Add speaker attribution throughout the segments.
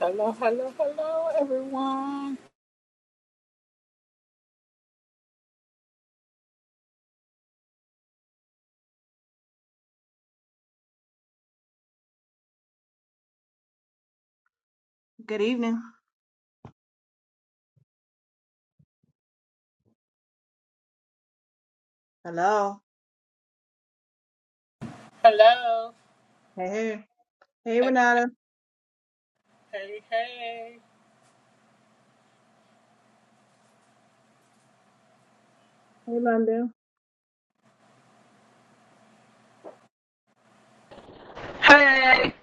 Speaker 1: Hello, hello, hello, everyone.
Speaker 2: Good evening. Hello.
Speaker 1: Hello.
Speaker 2: Hey, hey, hey,
Speaker 1: Hey,
Speaker 2: Renata.
Speaker 1: hey, hey.
Speaker 2: Hey, London.
Speaker 3: Hey,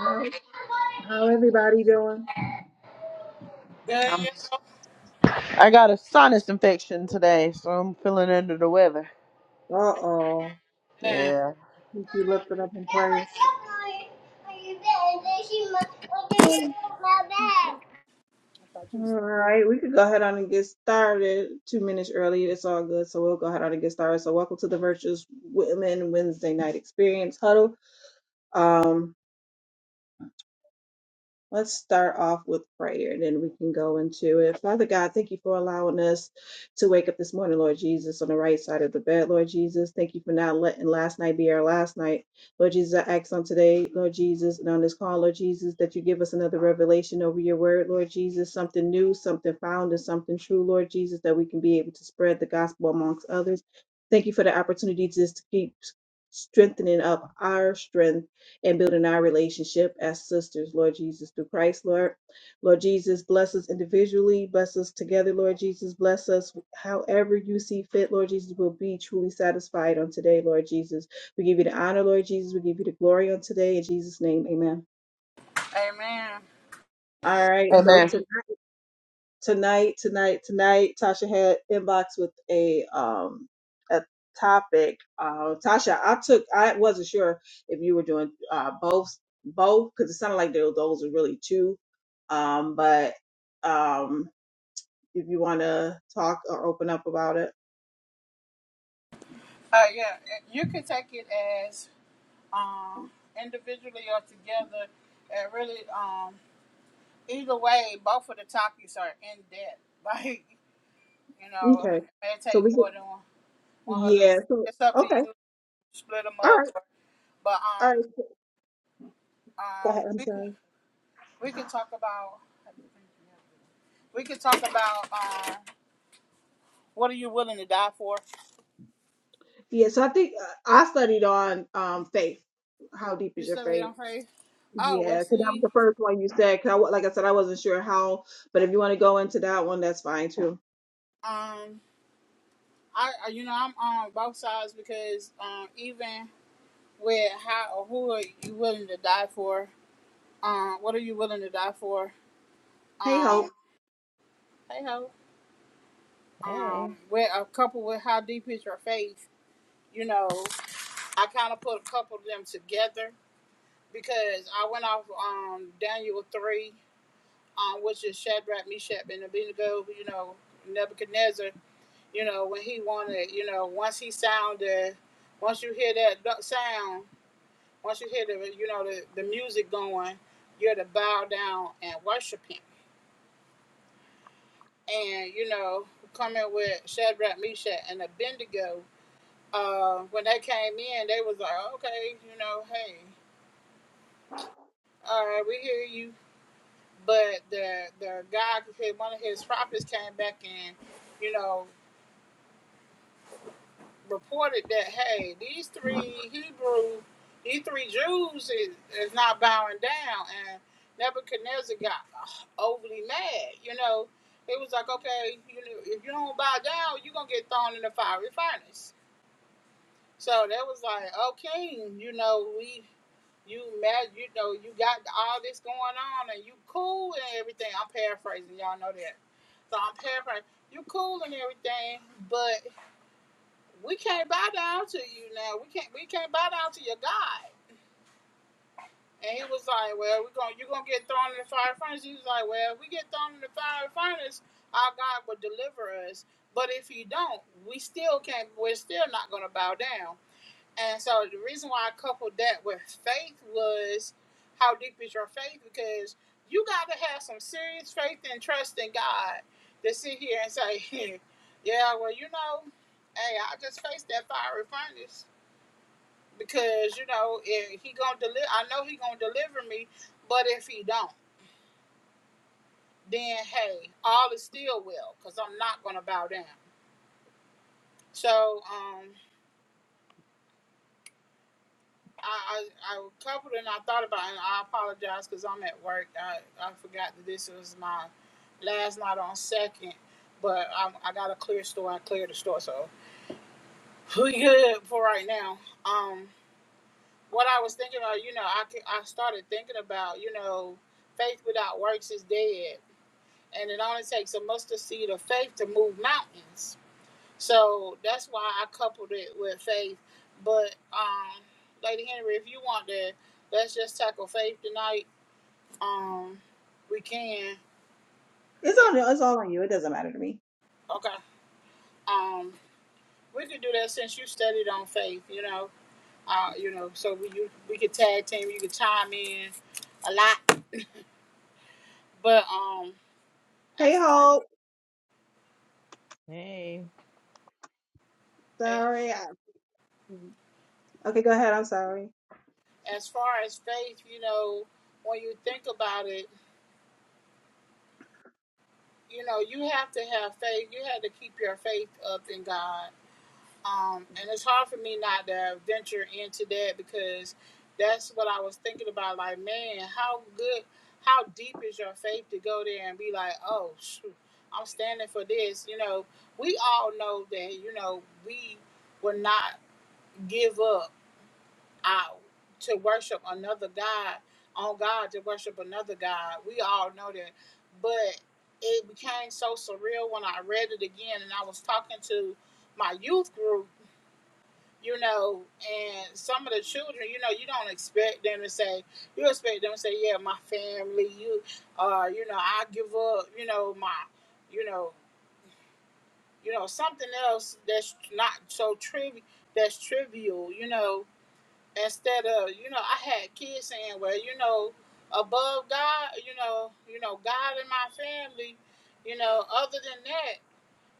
Speaker 2: How how everybody doing?
Speaker 1: Yeah,
Speaker 3: I'm,
Speaker 1: yeah.
Speaker 3: I got a sinus infection today, so I'm feeling under the weather.
Speaker 2: Uh oh.
Speaker 1: Amen.
Speaker 3: Yeah.
Speaker 2: Keep you lifted up in prayer. All
Speaker 1: I thought you was-
Speaker 2: right, we could go ahead on and get started. Two minutes early, it's all good. So we'll go ahead on and get started. So welcome to the Virtuous Women Wednesday Night Experience Huddle. Um, Let's start off with prayer and then we can go into it. Father God, thank you for allowing us to wake up this morning, Lord Jesus, on the right side of the bed, Lord Jesus. Thank you for not letting last night be our last night. Lord Jesus, I ask on today, Lord Jesus, and on this call, Lord Jesus, that you give us another revelation over your word, Lord Jesus, something new, something found, and something true, Lord Jesus, that we can be able to spread the gospel amongst others. Thank you for the opportunity just to keep strengthening up our strength and building our relationship as sisters, Lord Jesus, through Christ, Lord. Lord Jesus, bless us individually, bless us together, Lord Jesus, bless us however you see fit, Lord Jesus, we'll be truly satisfied on today, Lord Jesus. We give you the honor, Lord Jesus, we give you the glory on today, in Jesus' name, amen.
Speaker 1: Amen.
Speaker 2: All right, so
Speaker 3: Amen.
Speaker 2: tonight. tonight, tonight, tonight, Tasha had inbox with a um a topic. Uh, Tasha, I took I wasn't sure if you were doing uh both both because it sounded like tho- those are really two. Um, but um, if you want to talk or open up about it,
Speaker 1: Uh, yeah, you can take it as uh, individually or together. It really, um, either way, both of the topics are in depth. Like, you know,
Speaker 2: okay.
Speaker 1: it may
Speaker 2: So
Speaker 1: take
Speaker 2: we get
Speaker 1: more than one one hundred.
Speaker 2: yeah. So
Speaker 1: It's up to
Speaker 2: okay,
Speaker 1: you. to Split them
Speaker 2: all
Speaker 1: up,
Speaker 2: right,
Speaker 1: but
Speaker 2: all
Speaker 1: um,
Speaker 2: right. Go
Speaker 1: uh,
Speaker 2: ahead. I'm
Speaker 1: we could,
Speaker 2: sorry.
Speaker 1: we could talk about we could talk about. um, What are you willing to die for?
Speaker 2: Yeah. So I think uh, I studied on um faith. How deep is
Speaker 1: You
Speaker 2: your
Speaker 1: said
Speaker 2: faith?
Speaker 1: it on faith. Oh well,
Speaker 2: Yeah, 'cause that was
Speaker 1: see,
Speaker 2: the first one you said. 'cause I, wa- like I said, I wasn't sure how, but if you want to go into that one, that's fine too.
Speaker 1: um, I you know I'm on both sides because um even with how or who are you willing to die for? Um, what are you willing to die for?
Speaker 2: Hey,
Speaker 1: Um,
Speaker 2: Hope.
Speaker 1: hey ho.
Speaker 4: Hey,
Speaker 1: Um, with a couple with how deep is your faith? You know, I kind of put a couple of them together because I went off um Daniel three, um, which is Shadrach, Meshach, and Abednego. You know, Nebuchadnezzar you know, when he wanted, you know, once he sounded, once you hear that sound, once you hear the, you know, the, the music going, you're to bow down and worship him. And, you know, coming with Shadrach, Meshach, and Abednego, uh, when they came in, they was like, okay, you know, hey, all right, we hear you. But the the guy, one of his prophets came back and, you know, reported that hey, these three Hebrew, these three Jews is, is not bowing down, and Nebuchadnezzar got overly mad. You know, it was like okay, you know, if you don't bow down, you're gonna get thrown in the fiery furnace. So that was like, oh king, you know we. You mad? You know you got all this going on, and you cool and everything. I'm paraphrasing, y'all know that. So I'm paraphrasing. You cool and everything, but we can't bow down to you now. We can't we can't bow down to your God. And he was like, Well, we're gonna you're gonna get thrown in the fire furnace. He was like, Well, if we get thrown in the fire furnace, our God will deliver us. But if you don't, we still can't we're still not gonna bow down. And so the reason why I coupled that with faith was how deep is your faith? Because you gotta have some serious faith and trust in God to sit here and say, Yeah, well, you know, hey, I just faced that fiery furnace because you know if he gonna deliver i know he gonna deliver me but if he don't then hey all is still well because i'm not gonna bow down so um I, I i coupled and i thought about it and i apologize because i'm at work i i forgot that this was my last night on second but i, I got a clear store i cleared the store so we good for right now um what i was thinking about, you know i, could- I started thinking about you know faith without works is dead and it only takes a mustard seed of faith to move mountains. So that's why I coupled it with faith. But um, Lady Henry, if you want to, let's just tackle faith tonight. Um, we can.
Speaker 2: It's on. It's all on you. It doesn't matter to me.
Speaker 1: Okay. Um, we could do that since you studied on faith. You know. Uh, you know. So we you, we could tag team. You could chime in a lot. But um,
Speaker 2: Hey,
Speaker 1: as far
Speaker 2: Hope.
Speaker 4: hey.
Speaker 1: as
Speaker 2: Sorry. I, okay, go ahead. I'm sorry.
Speaker 1: as far as faith, you know, when you think about it. you know, you have to have faith. You have to keep your faith up in God. Um, and it's hard for me not to venture into that because that's what I was thinking about. Like, man, how good, how deep is your faith to go there and be like, oh, shoot, I'm standing for this. You know, we all know that, you know, we will not give up out to worship another God on God to worship another God. We all know that. But it became so surreal when I read it again and I was talking to my youth group, you know, and some of the children, you know, you don't expect them to say you expect them to say, Yeah, my family, you uh, you know, I give up, you know, my you know, you know, something else that's not so trivial that's trivial, you know instead of you know i had kids saying well you know above god you know you know god and my family you know other than that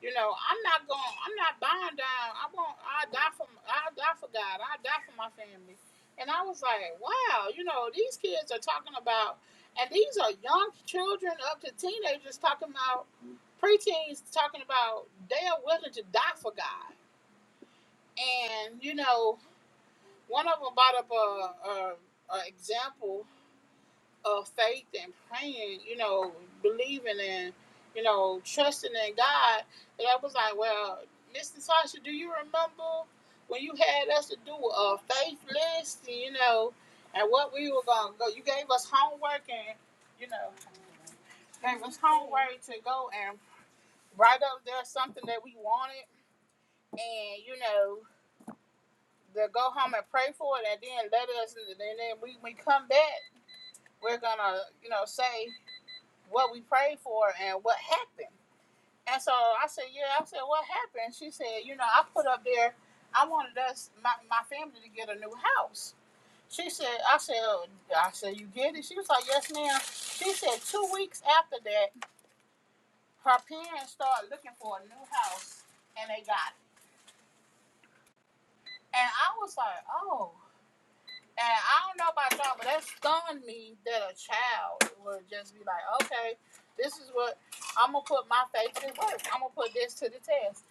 Speaker 1: you know i'm not going i'm not buying down i won't i die for i die for god i die for my family and i was like wow you know these kids are talking about and these are young children up to teenagers talking about preteens talking about they are willing to die for god and you know one of them brought up a, a, a example of faith and praying, you know, believing and, you know, trusting in God. And I was like, well, Miss Natasha, do you remember when you had us to do a faith list, you know, and what we were going to go? You gave us homework and, you know, gave us homework to go and write up there something that we wanted and, you know, to go home and pray for it and then let us, and then we, we come back we're gonna, you know, say what we prayed for and what happened. And so I said, Yeah, I said, What happened? She said, You know, I put up there, I wanted us my, my family to get a new house. She said, I said, I said, You get it? She was like, Yes, ma'am. She said two weeks after that, her parents started looking for a new house and they got it. And I was like, Oh, And I don't know about y'all, but that stunned me that a child would just be like, okay, this is what I'm gonna put my faith to work. I'm gonna put this to the test.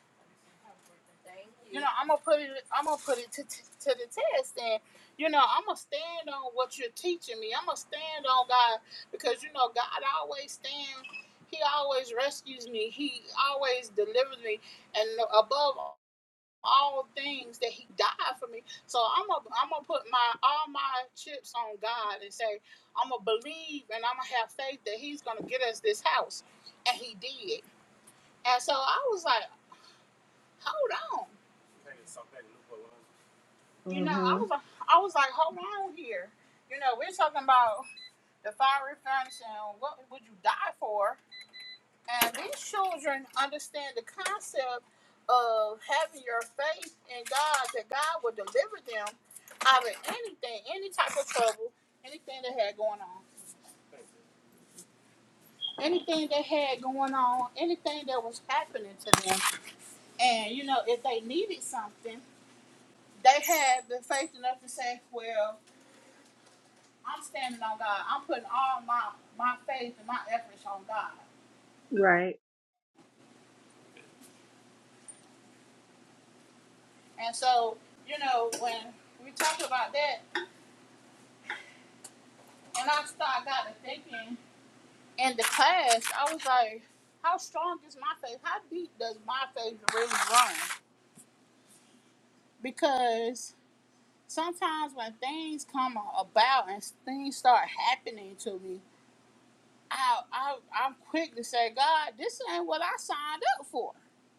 Speaker 1: Thank you. You know, I'm gonna put it. I'm gonna put it to, to, to the test, and you know, I'm gonna stand on what you're teaching me. I'm gonna stand on God because you know, God always stands. He always rescues me. He always delivers me, and above all, all things that he died for me. So I'm gonna I'm gonna put my all my chips on God and say I'm gonna believe and I'm gonna have faith that He's gonna get us this house, and He did. And so I was like, hold on, you know, I
Speaker 2: hmm
Speaker 1: was I was like, hold on here, you know, we're talking about the fiery furnace and what would you die for? And these children understand the concept of having your faith in God, that God will deliver them out of anything, any type of trouble, anything they had going on, anything they had going on, anything that was happening to them. And, you know, if they needed something, they had the faith enough to say, well, I'm standing on God. I'm putting all my, my faith and my efforts on God.
Speaker 2: Right.
Speaker 1: And so, you know, when we talk about that, and I start got to thinking, in the class, I was like, how strong is my faith? How deep does my faith really run? Because sometimes when things come about and things start happening to me, I, I I'm quick to say, God, this ain't what I signed up for.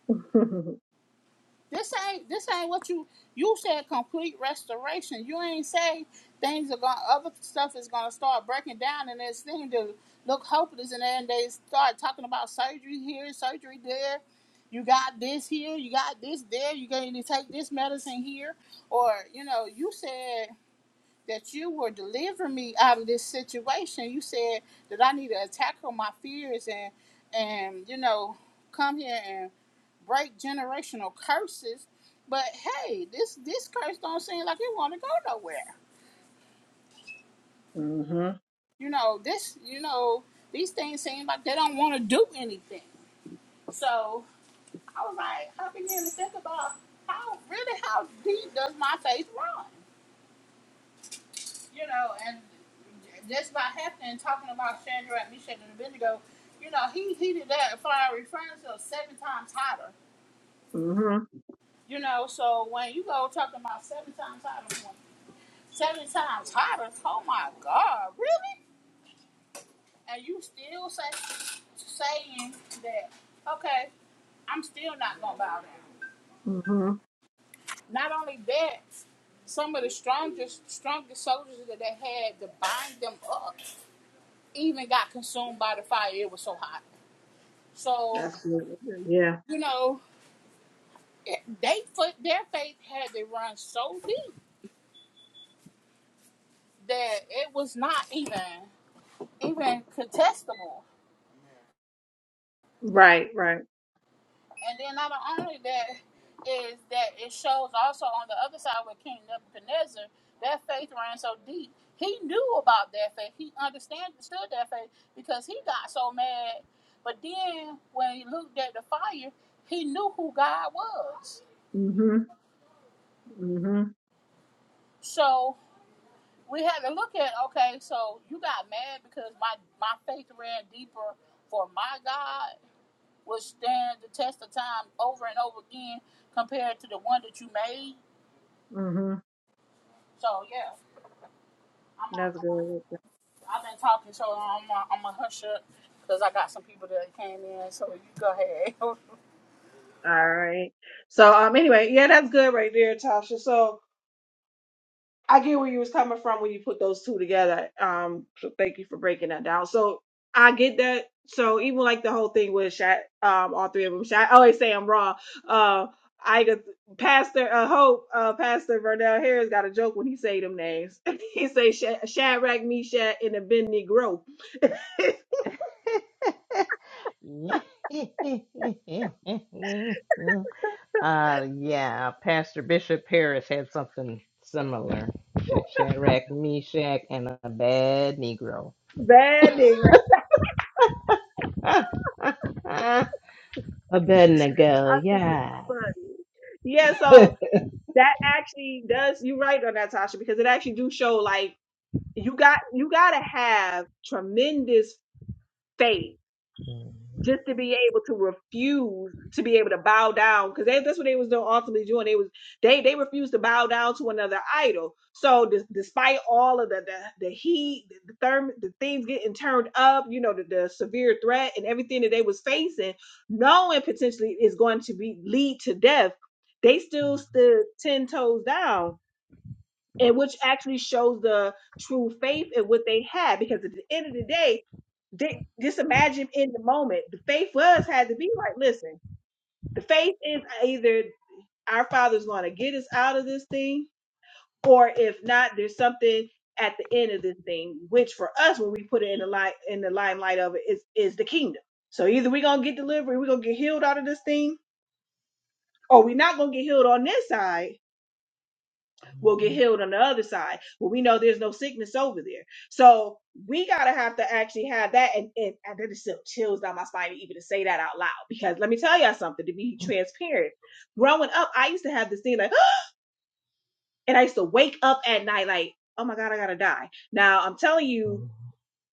Speaker 1: This ain't this ain't what you you said complete restoration. You ain't say things are going other stuff is gonna start breaking down and it's thing to look hopeless and then they start talking about surgery here, surgery there. You got this here, you got this there, you going to take this medicine here. Or, you know, you said that you were delivering me out of this situation. You said that I need to tackle my fears and and, you know, come here and break generational curses. But hey, this this curse don't seem like it want to go nowhere.
Speaker 2: hmm
Speaker 1: You know this. You know these things seem like they don't want to do anything. So I was like, I began to think about how really how deep does my faith run? You know, and just by happening talking about Shadrach, Meshach, and Abednego, you know, he heated that fiery furnace up seven times hotter.
Speaker 2: hmm
Speaker 1: You know, so when you go talking about seven times hotter, Seven times hotter. Oh my God, really? And you still say saying that? Okay, I'm still not gonna bow down.
Speaker 2: hmm
Speaker 1: Not only that, some of the strongest strongest soldiers that they had to bind them up even got consumed by the fire. It was so hot. So
Speaker 2: That's good. Yeah.
Speaker 1: you know, they their faith had to run so deep that it was not even even contestable.
Speaker 2: Right. Right.
Speaker 1: And then not only that is that it shows also on the other side with King Nebuchadnezzar, their faith ran so deep. He knew about their faith. He understood their faith because he got so mad. But then when he looked at the fire, he knew who God was.
Speaker 2: hmm hmm
Speaker 1: So we had to look at okay, so you got mad because my, my faith ran deeper for my God, which stand the test of time over and over again compared to the one that you made So yeah, I'm on,
Speaker 2: That's
Speaker 1: I'm
Speaker 2: good.
Speaker 1: on, have been talking, so I'm on, I'm gonna hush up because I got some people that came in. So you go ahead.
Speaker 2: All right. So um anyway, yeah, that's good right there, Tasha. So I get where you was coming from when you put those two together. Um so thank you for breaking that down. So I get that. So even like the whole thing with Shat, um all three of them. Shat, I always say I'm wrong. Uh I got Pastor uh, Hope, uh, Pastor Vernell Harris got a joke when he say them names. he say Sha- Shadrach, Meshach, and Abednego.
Speaker 4: uh, yeah, Pastor Bishop Parrish had something similar. Sh- Shadrach, Meshach, and a bad Negro.
Speaker 2: Bad nigga. I
Speaker 4: Abednego,
Speaker 2: think that's
Speaker 4: yeah.
Speaker 2: funny. Yeah, so that actually does you right on that tasha because it actually do show like you got you got to have tremendous faith just to be able to refuse to be able to bow down because that's what they was doing ultimately doing they was they they refused to bow down to another idol so des- despite all of the the, the heat the therm the things getting turned up you know the, the severe threat and everything that they was facing knowing potentially is going to be lead to death they still stood 10 toes down and which actually shows the true faith in what they had because at the end of the day they, just imagine in the moment the faith was had to be like listen the faith is either our father's going to get us out of this thing or if not there's something at the end of this thing which for us when we put it in the light in the limelight of it is is the kingdom so either we're going to get delivery we're going to get healed out of this thing or we're not going to get healed on this side will get healed on the other side. Well, we know there's no sickness over there. So we gotta have to actually have that. And, and, and that just sent chills down my spine even to say that out loud. Because let me tell y'all something, to be transparent. Growing up, I used to have this thing like, and I used to wake up at night like, oh my God, I gotta die. Now I'm telling you,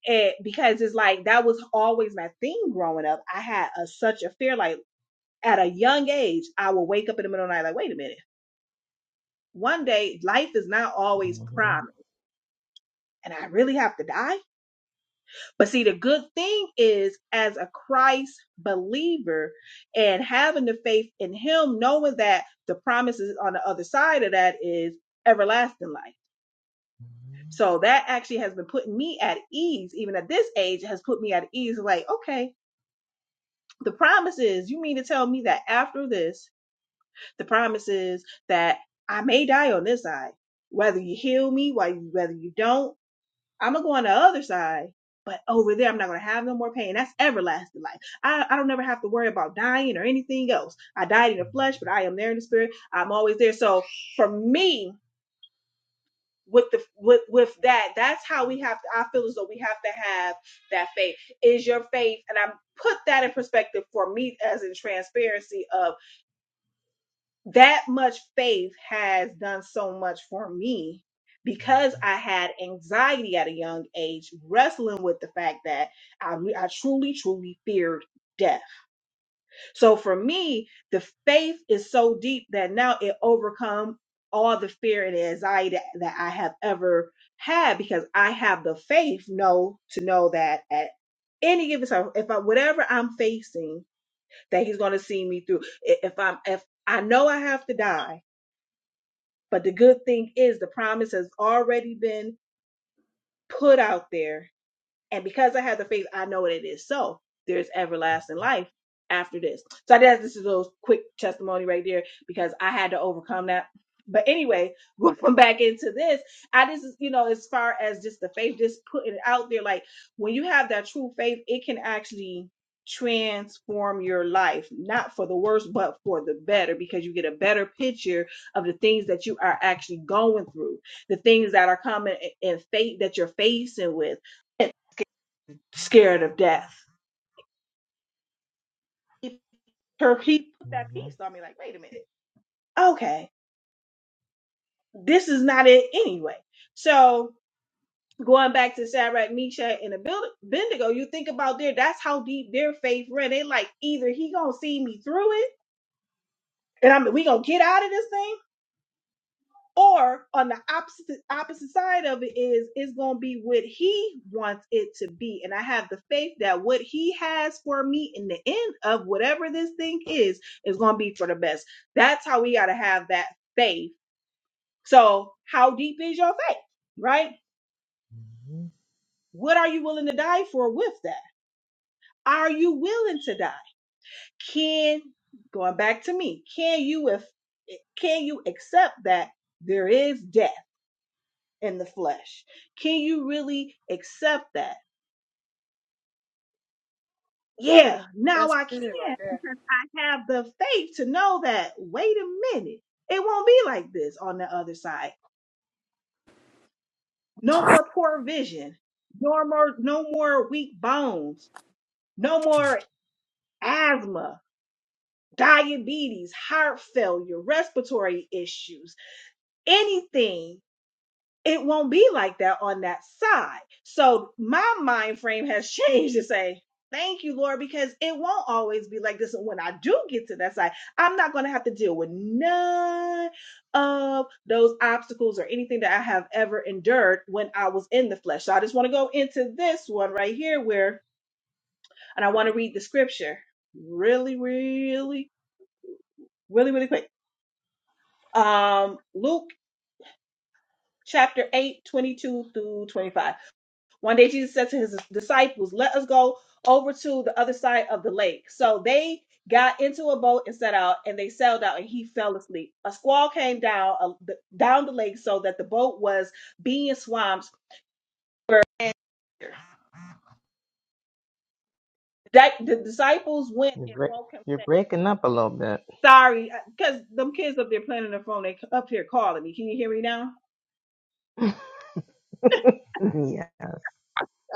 Speaker 2: it because it's like that was always my thing growing up. I had a, such a fear, like at a young age, I would wake up in the middle of the night like, wait a minute. One day, life is not always promised and I really have to die. But see, the good thing is, as a Christ believer and having the faith in Him, knowing that the promises on the other side of that is everlasting life. So that actually has been putting me at ease, even at this age, has put me at ease. Like, okay, the promise is, you mean to tell me that after this, the promise is that I may die on this side, whether you heal me, why- whether you don't I'm gonna go on the other side, but over there, I'm not gonna have no more pain. That's everlasting life. I, I don't never have to worry about dying or anything else. I died in the flesh, but I am there in the spirit. I'm always there. So for me, with the with with that, that's how we have to. I feel as though we have to have that faith. Is your faith, and I put that in perspective for me as in transparency of that much faith has done so much for me because I had anxiety at a young age, wrestling with the fact that I, I truly, truly feared death. So for me, the faith is so deep that now it overcome all the fear and anxiety that, that I have ever had because I have the faith know to know that at any given time, if I whatever I'm facing, that He's going to see me through. I- If I'm if I know I have to die but the good thing is the promise has already been put out there and because I have the faith, I know that it is so. There's everlasting life after this. So that's this is a little quick testimony right there because I had to overcome that. But anyway, going back into this, I just you know, as far as just the faith, just putting it out there, like when you have that true faith, it can actually transform your life, not for the worse, but for the better, because you get a better picture of the things that you are actually going through, the things that are coming and fate that you're facing with scared of death. He, her, he put that piece on me like, wait a minute. Okay, this is not it anyway. So going back to Shadrach, Meshach, and Abednego, you think about their, that's how deep their faith ran. They like, either he gonna see me through it and I'm, we gonna get out of this thing Or on the opposite opposite side of it is it's gonna be what he wants it to be. And I have the faith that what he has for me in the end of whatever this thing is is gonna be for the best. That's how we gotta have that faith. So how deep is your faith? Right? What are you willing to die for with that? Are you willing to die? Can going back to me, can you if can you accept that there is death? in the flesh. Can you really accept that? Yeah, now I can because I have the faith to know that, wait a minute, it won't be like this on the other side. No more poor vision, no more, no more weak bones, no more asthma, diabetes, heart failure, respiratory issues, anything it won't be like that on that side. So my mind frame has changed to say, thank you, Lord, because it won't always be like this. And when I do get to that side, I'm not going to have to deal with none of those obstacles or anything that I have ever endured when I was in the flesh. So I just want to go into this one right here where, and I want to read the scripture really, really, really, really quick. Um, Luke chapter 8, 22 through 25. One day Jesus said to his disciples, Let us go over to the other side of the lake. So they got into a boat and set out, and they sailed out, and he fell asleep. A squall came down uh, th- down the lake so that the boat was being swamped. And that the disciples went
Speaker 4: You're,
Speaker 2: and
Speaker 4: break-
Speaker 2: woke him,
Speaker 4: you're
Speaker 2: saying,
Speaker 4: breaking up a little bit.
Speaker 2: Sorry, because them kids up there playing on their phone, they c- up here calling me. Can you hear me now?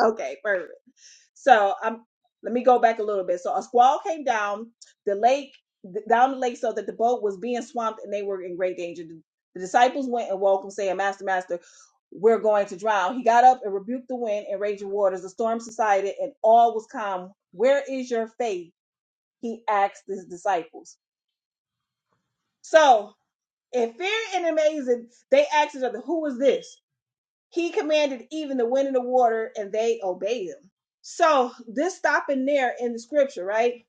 Speaker 2: Okay, perfect. So I'm. let me go back a little bit. So a squall came down the lake, th- down the lake, so that the boat was being swamped and they were in great danger. The, the disciples went and woke him, saying, "Master, master, we're going to drown." He got up and rebuked the wind and raging waters. The storm subsided and all was calm. Where is your faith? He asked his disciples. So in fear and amazing, they asked each other, "Who is this?" He commanded even the wind and the water, and they obeyed him. So this stopping there in the scripture, right?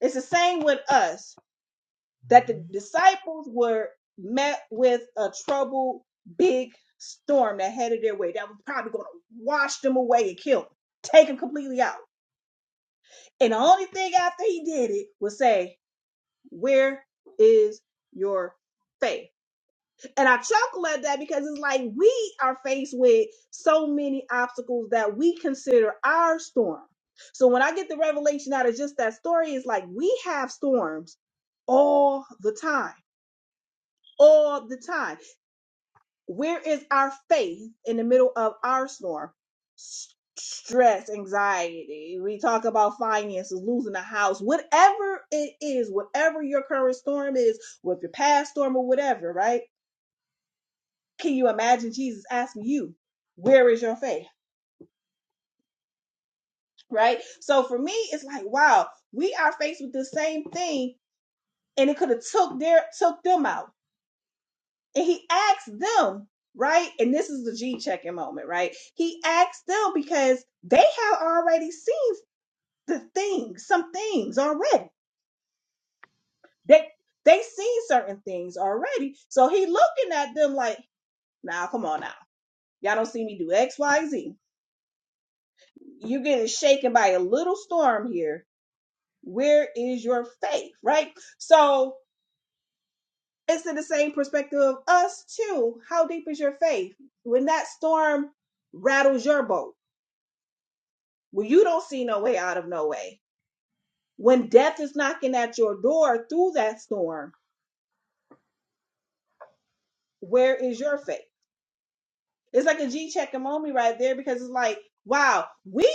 Speaker 2: It's the same with us that the disciples were met with a troubled big storm that headed their way that was probably going to wash them away and kill them, take them completely out. And the only thing after he did it was say, "Where is your faith?" and I chuckle at that because it's like we are faced with so many obstacles that we consider our storm. So when I get the revelation out of just that story, it's like we have storms all the time, all the time. Where is our faith in the middle of our storm? S- Stress, anxiety. We talk about finances, losing a house, whatever it is, whatever your current storm is, with your past storm or whatever, right? Can you imagine Jesus asking you, Where is your faith? Right? So for me, it's like, wow, we are faced with the same thing, and it could have took their took them out. And he asked them, right? And this is the G checking moment, right? He asked them because they have already seen the things, some things already. They they seen certain things already. So he looking at them like, nah, come on now. Y'all don't see me do X, Y, Z. You're getting shaken by a little storm here Where is your faith? Right? So it's in the same perspective of us too. How deep is your faith? When that storm rattles your boat, when you don't see no way out of no way, when death is knocking at your door through that storm, where is your faith? It's like a G check and moment right there because it's like, wow, we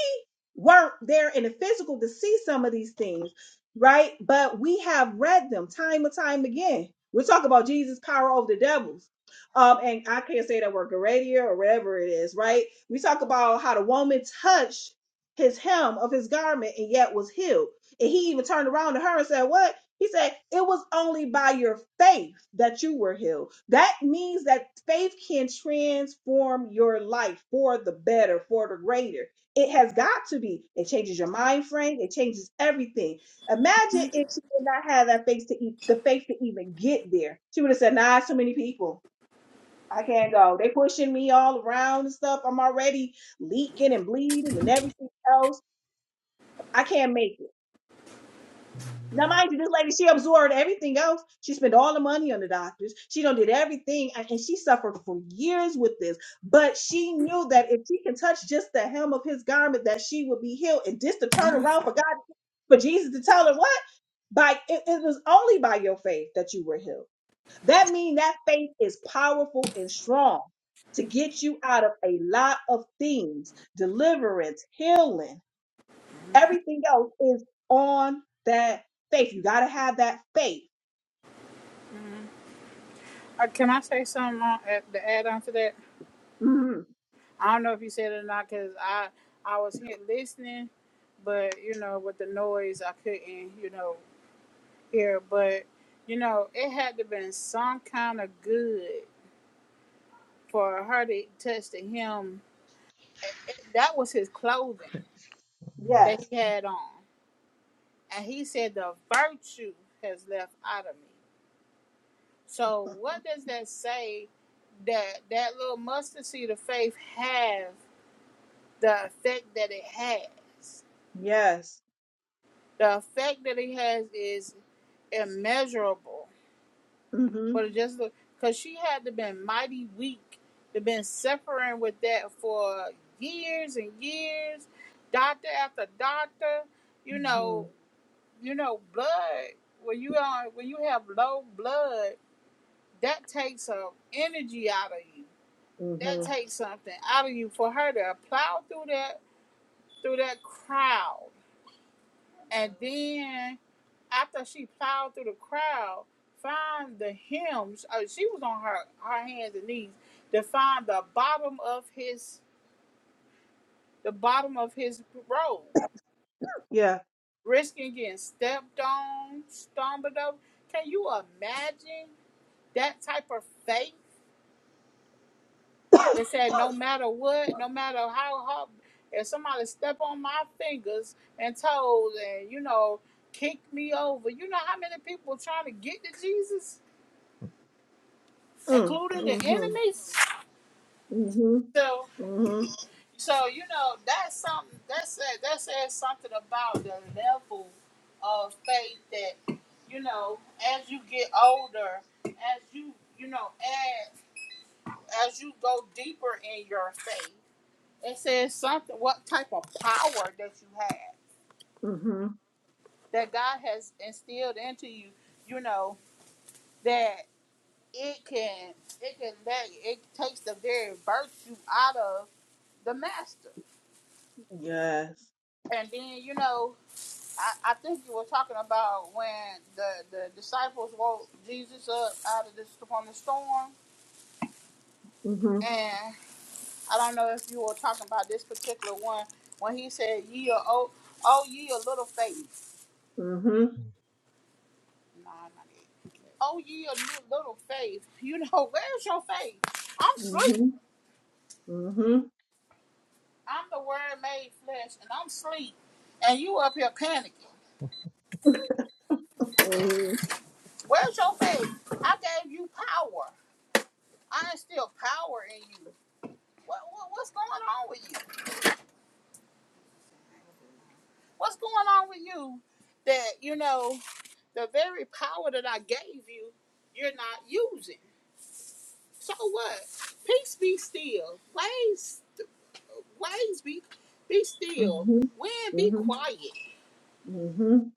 Speaker 2: weren't there in the physical to see some of these things, right? But we have read them time and time again. We're talking about Jesus' power over the devils. Um, and I can't say that word Geradia or whatever it is, right? We talk about how the woman touched his hem of his garment and yet was healed. And he even turned around to her and said, What? He said, It was only by your faith that you were healed. That means that faith can transform your life for the better, for the greater. It has got to be. It changes your mind frame, it changes everything. Imagine if she did not have that faith to eat the faith to even get there. She would have said, Nah, it's too many people. I can't go. They pushing me all around and stuff. I'm already leaking and bleeding and everything else. I can't make it. Now, mind you, this lady, she absorbed everything else. She spent all the money on the doctors. She done did everything, and and she suffered for years with this. But she knew that if she can touch just the hem of his garment, that she would be healed. And just to turn around for God, for Jesus to tell her what? By it, it was only by your faith that you were healed. That means that faith is powerful and strong to get you out of a lot of things, deliverance, healing Everything else is on that faith. You got to have that faith.
Speaker 1: Uh, Can I say something on, uh, to add on to that?
Speaker 2: hmm
Speaker 1: I don't know if you said it or not because I I was here listening, but you know with the noise I couldn't you know hear. But you know it had to been some kind of good for her to touch to him. It- it- that was his clothing that
Speaker 2: Yes.
Speaker 1: he had on. and he said the virtue has left out of me so what does that say that that little mustard seed of faith have the effect that it has
Speaker 2: Yes.
Speaker 1: the effect that it has is immeasurable
Speaker 2: hmm
Speaker 1: but it just look, because she had to been mighty weak to been suffering with that for years and years doctor after doctor you
Speaker 2: hmm
Speaker 1: know you know blood when you are when you have low blood that takes some energy out of you. That
Speaker 2: hmm
Speaker 1: takes something out of you for her to plow through that through that crowd. And then after she plowed through the crowd, find the hymns. Uh, she was on her, her hands and knees to find the bottom of his the bottom of his robe,
Speaker 2: Yeah.
Speaker 1: risking getting stepped on, stumbled over. Can you imagine that type of faith? They said, no matter what, no matter how hard, if somebody step on my fingers and toes and, you know, kick me over, you know how many people trying to get to Jesus,
Speaker 2: Mm.
Speaker 1: including the
Speaker 2: hmm
Speaker 1: enemies?
Speaker 2: hmm
Speaker 1: So,
Speaker 2: hmm
Speaker 1: so you know, that's something, that said, that says something about the level of faith that, you know, as you get older, as you, you know, as, as you go deeper in your faith It says something, what type of power that you have,
Speaker 2: hmm
Speaker 1: that God has instilled into you, you know, that it can, it can let, it takes the very virtue out of the master.
Speaker 2: Yes.
Speaker 1: And then, you know, I, I think you were talking about when the, the disciples woke Jesus up out of this, from the storm.
Speaker 2: hmm
Speaker 1: And I don't know if you were talking about this particular one, when he said, ye are, oh, oh, ye a little faith.
Speaker 2: hmm
Speaker 1: Nah, not it. Oh, ye of little faith. You know, where's your faith? I'm sleep.
Speaker 2: hmm hmm
Speaker 1: I'm the word made flesh, and I'm sleep. And you up here panicking.
Speaker 2: Mm.
Speaker 1: Where's your faith? I gave you power. I instilled power in you. What, what what's going on with you? What's going on with you that you know the very power that I gave you, you're not using. So what? Peace be still. Ways. ways be be still.
Speaker 2: Mhm.
Speaker 1: When be
Speaker 2: Mhm.
Speaker 1: quiet.
Speaker 2: Mhm.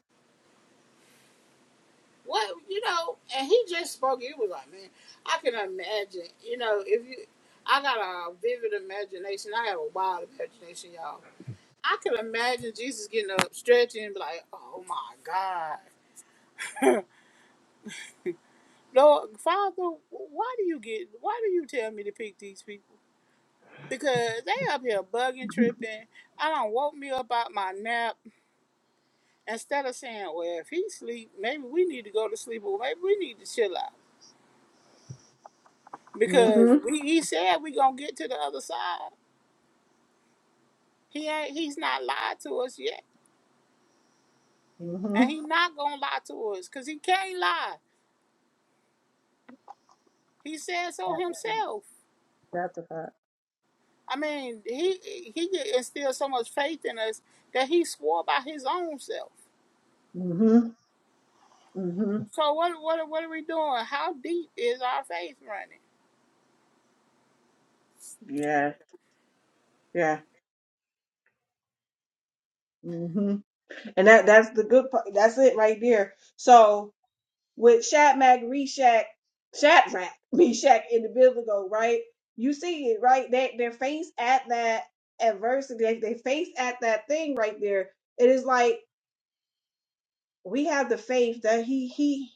Speaker 1: What you know, and he just spoke, it was like, man, I can imagine, you know, if you I got a vivid imagination. I have a wild imagination, y'all. I can imagine Jesus getting up, stretching, and be like, oh my God. Lord, Father, why do you get, why do you tell me to pick these people? Because they up here bugging, tripping. I don't woke me up out my nap. instead of saying, well, if he sleep, maybe we need to go to sleep, or maybe we need to chill out because
Speaker 2: Mhm.
Speaker 1: we he said we gonna get to the other side. He ain't he's not lied to us yet, and
Speaker 2: Mhm.
Speaker 1: he not gonna lie to us because he can't lie. He said so
Speaker 2: That's a fact.
Speaker 1: himself.
Speaker 2: That's a fact.
Speaker 1: I mean, he he instilled so much faith in us that he swore by his own self.
Speaker 2: Mhm. Mhm.
Speaker 1: So what what what are we doing? How deep is our faith running?
Speaker 2: Yeah. Yeah. Mm-hmm. And that that's the good part. That's it right there. So with Shadrach, Meshach, Shadrach, Meshach in the biblical, right? You see it, right? They they're faced at that adversity. They they face at that thing right there. It is like we have the faith that he he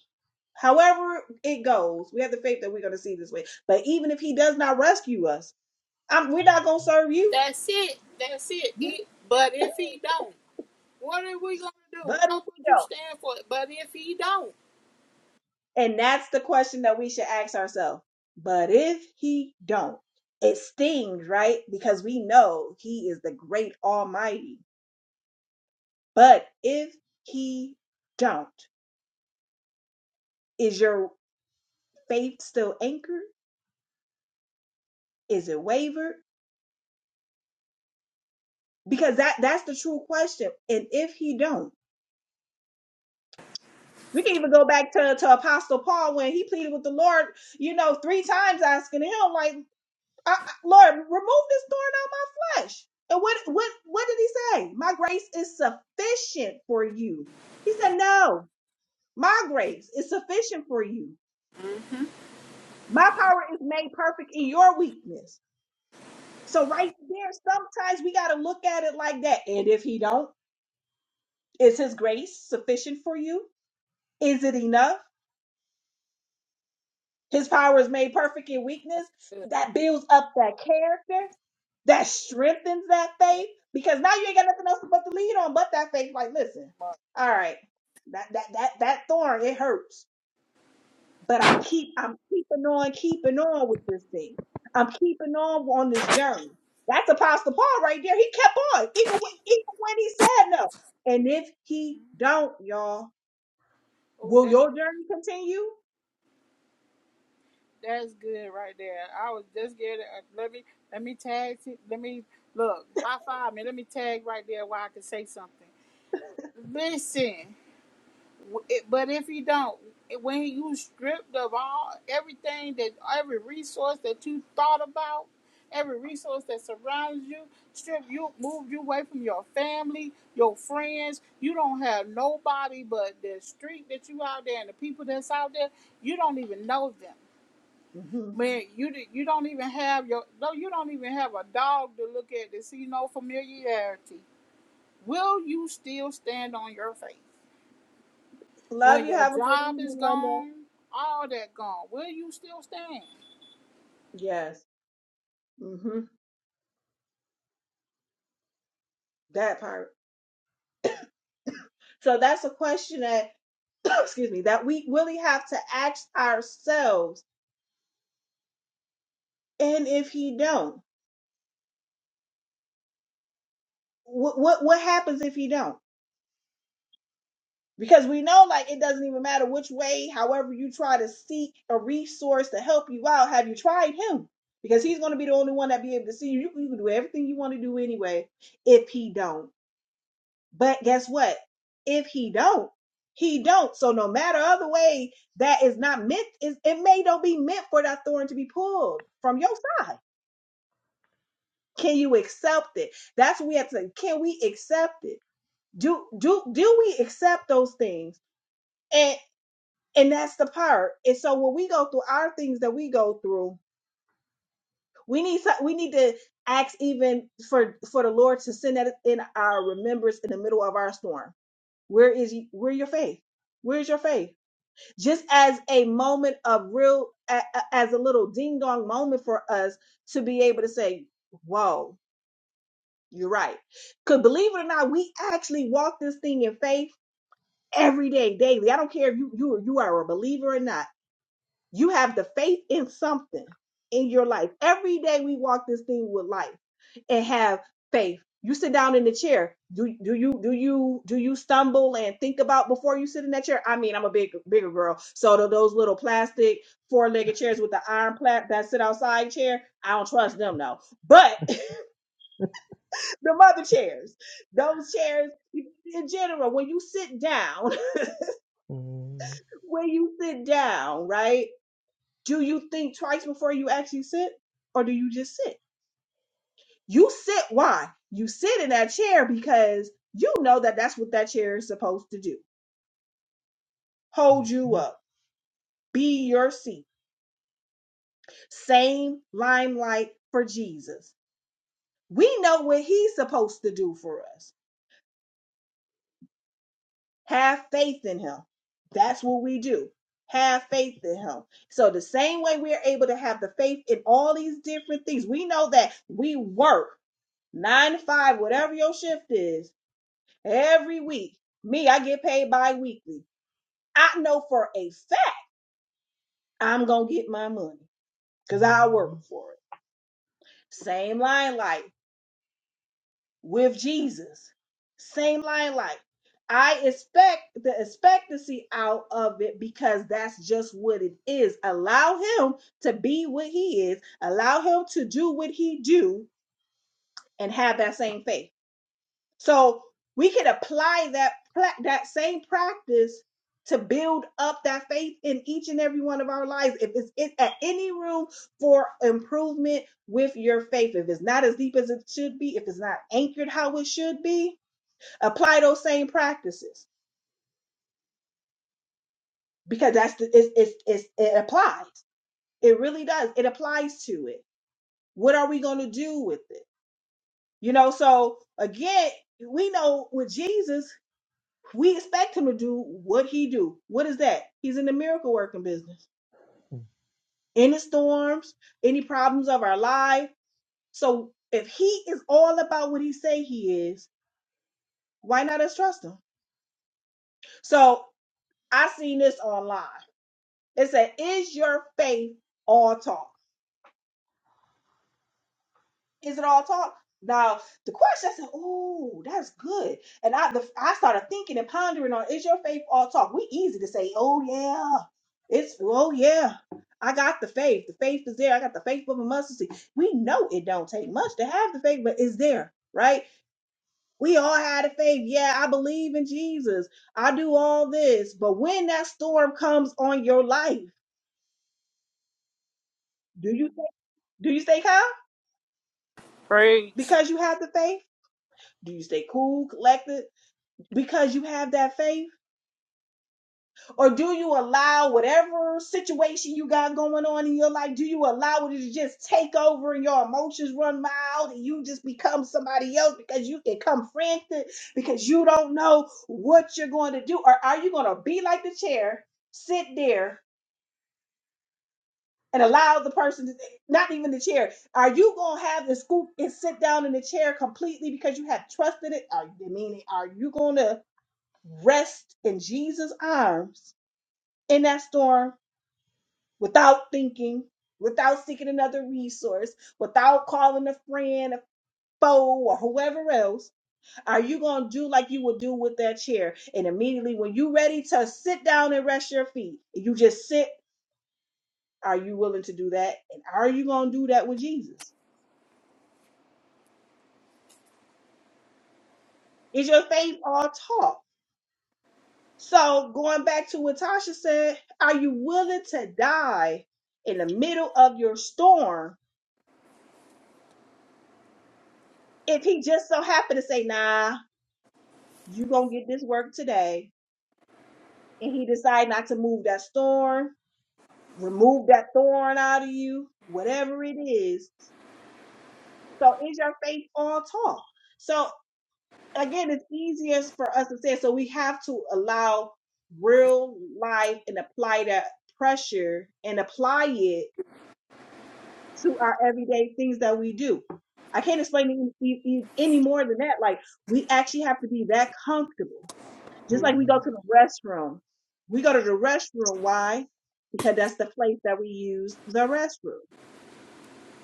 Speaker 2: however it goes, we have the faith that we're gonna see this way. But even if he does not rescue us, I'm, we're not gonna serve you.
Speaker 1: That's it. That's it. It- But if he don't. What are we gonna do?
Speaker 2: But if
Speaker 1: Why
Speaker 2: he
Speaker 1: would
Speaker 2: don't.
Speaker 1: you stand for it? But if he don't,
Speaker 2: And that's the question that we should ask ourselves. But if he don't, it stings, right? Because we know he is the great almighty. But if he don't, is your faith still anchored? Is it wavered? Because that that's the true question. And if he don't, we can even go back to, to Apostle Paul when he pleaded with the Lord, you know, three times asking him, like, I, I- Lord, remove this thorn out my flesh. And what what what did he say? My grace is sufficient for you. He said, No, my grace is sufficient for you.
Speaker 1: Mm-hmm.
Speaker 2: My power is made perfect in your weakness. So right there, sometimes we gotta look at it like that. And if he don't, is his grace sufficient for you? Is it enough? His power is made perfect in weakness. That builds up that character. That strengthens that faith. Because now you ain't got nothing else but to lead on but that faith. Like, listen, all right, that that that that thorn, it hurts. But I'm keep I'm keeping on, keeping on with this thing. I'm keeping on on this journey. That's Apostle Paul right there. He kept on, even when even when he said no. And if he don't, y'all,
Speaker 1: oh,
Speaker 2: will
Speaker 1: that's
Speaker 2: your
Speaker 1: good.
Speaker 2: journey continue?
Speaker 1: That's good right there. I was just getting. Uh, let me let me tag. T- let me look. High five me. Let me tag right there where I can say something. Listen. it- But if you don't, when you stripped of all everything that every resource that you thought about, every resource that surrounds you, strip you moved you away from your family, your friends. You don't have nobody but the street that you out there and the people that's out there. You don't even know them.
Speaker 2: Mhm.
Speaker 1: Man, you di- you don't even have your no. You don't even have a dog to look at to see no familiarity. Will you still stand on your faith?
Speaker 2: Love
Speaker 1: When
Speaker 2: you.
Speaker 1: your
Speaker 2: Have a good
Speaker 1: job is
Speaker 2: evening, London.
Speaker 1: gone, all that gone, will you still stand?
Speaker 2: Yes. hmm That part. So that's a question that, excuse me, that we really have to ask ourselves. And if he don't, what what what happens if he don't? Because we know, like, it doesn't even matter which way. However, you try to seek a resource to help you out. Have you tried him? Because he's going to be the only one that be able to see you. You can do everything you want to do anyway. If he don't. But guess what? If he don't, he don't. So no matter other way that is not meant, is it may don't be meant for that thorn to be pulled from your side. Can you accept it? That's what we have to say. Can we accept it? Do do do we accept those things? And and that's the part. And so when we go through our things that we go through, we need to- we need to ask even for for the Lord to send that in our remembrance in the middle of our storm. Where is he, where your faith? Where's your faith? just as a moment of real, as a little ding dong moment for us to be able to say, whoa, you're right. Because believe it or not, we actually walk this thing in faith every day, daily. I don't care if you, you, you are a believer or not you have the faith in something in your life. Every day we walk this thing with life and have faith. You sit down in the chair. Do do you do you do you stumble and think about before you sit in that chair? I mean, I'm a big bigger girl, so tho- those little plastic four legged chairs with the iron plat that sit outside chair, I don't trust them no. But the mother chairs, those chairs in general, when you sit down,
Speaker 4: yeah.
Speaker 2: when you sit down, right? Do you think twice before you actually sit, or do you just sit? You sit why? You sit in that chair because you know that that's what that chair is supposed to do
Speaker 4: I
Speaker 2: hold you up, be your seat. Same limelight for Jesus. We know what he's supposed to do for us. Have faith in him. That's what we do. Have faith in him. So, the same way we're able to have the faith in all these different things, we know that we work nine to five, whatever your shift is every week. Me, I get paid bi-weekly. I know for a fact I'm gonna get my money because I work for it. Same line light with Jesus. Same line light. I expect the expectancy out of it because that's just what it is. Allow him to be what he is. Allow him to do what he do and have that same faith. So we can apply that pra- that same practice to build up that faith in each and every one of our lives. If it's in, at any room for improvement with your faith, if it's not as deep as it should be, if it's not anchored how it should be, apply those same practices because that's the, it's, it's, it's, it applies. It really does. It applies to it. What are we going to do with it? You know, so again, we know with Jesus, We expect him to do what he do. What is that? He's in the miracle working business. Any storms, any problems of our life. So if he is all about what he say he is, why not us trust him? So I seen this online. It said, "Is your faith all talk?" Is it all talk? Now the question I said, "Oh, that's good," and I the, I started thinking and pondering on: Is your faith all talk? We easy to say, "Oh yeah, it's oh yeah, I got the faith. The faith is there. I got the faith of a mustard seed." We know it don't take much to have the faith, but it's there, right? We all had a faith. Yeah, I believe in Jesus. I do all this, but when that storm comes on your life, do you do you stay calm
Speaker 1: Praise.
Speaker 2: because you have the faith? Do you stay cool, collected? because you have that faith? Or do you allow whatever situation you got going on in your life, do you allow it to just take over and your emotions run wild and you just become somebody else because you become frantic because you don't know what you're going to do? Or are you going to be like the chair, sit there? And allow the person to, not even the chair. Are you gonna have the scoop and sit down in the chair completely because you have trusted it? Are, I mean, are you gonna rest in Jesus' arms in that storm without thinking, without seeking another resource, without calling a friend, a foe, or whoever else, are you going to do like you would do with that chair? And immediately when you're ready to sit down and rest your feet, you just sit. Are you willing to do that? And are you going to do that with Jesus? Is your faith all talk? So going back to what Tasha said, are you willing to die in the middle of your storm if he just so happened to say, nah, you gonna get this work today and he decide not to move that storm, remove that thorn out of you whatever it is so is your faith all talk so again it's easiest for us to say so we have to allow real life and apply that pressure and apply it to our everyday things that we do i can't explain it e- e- e, any more than that like we actually have to be that comfortable Just like we go to the restroom. We go to the restroom. Why? Because that's the place that we use the restroom.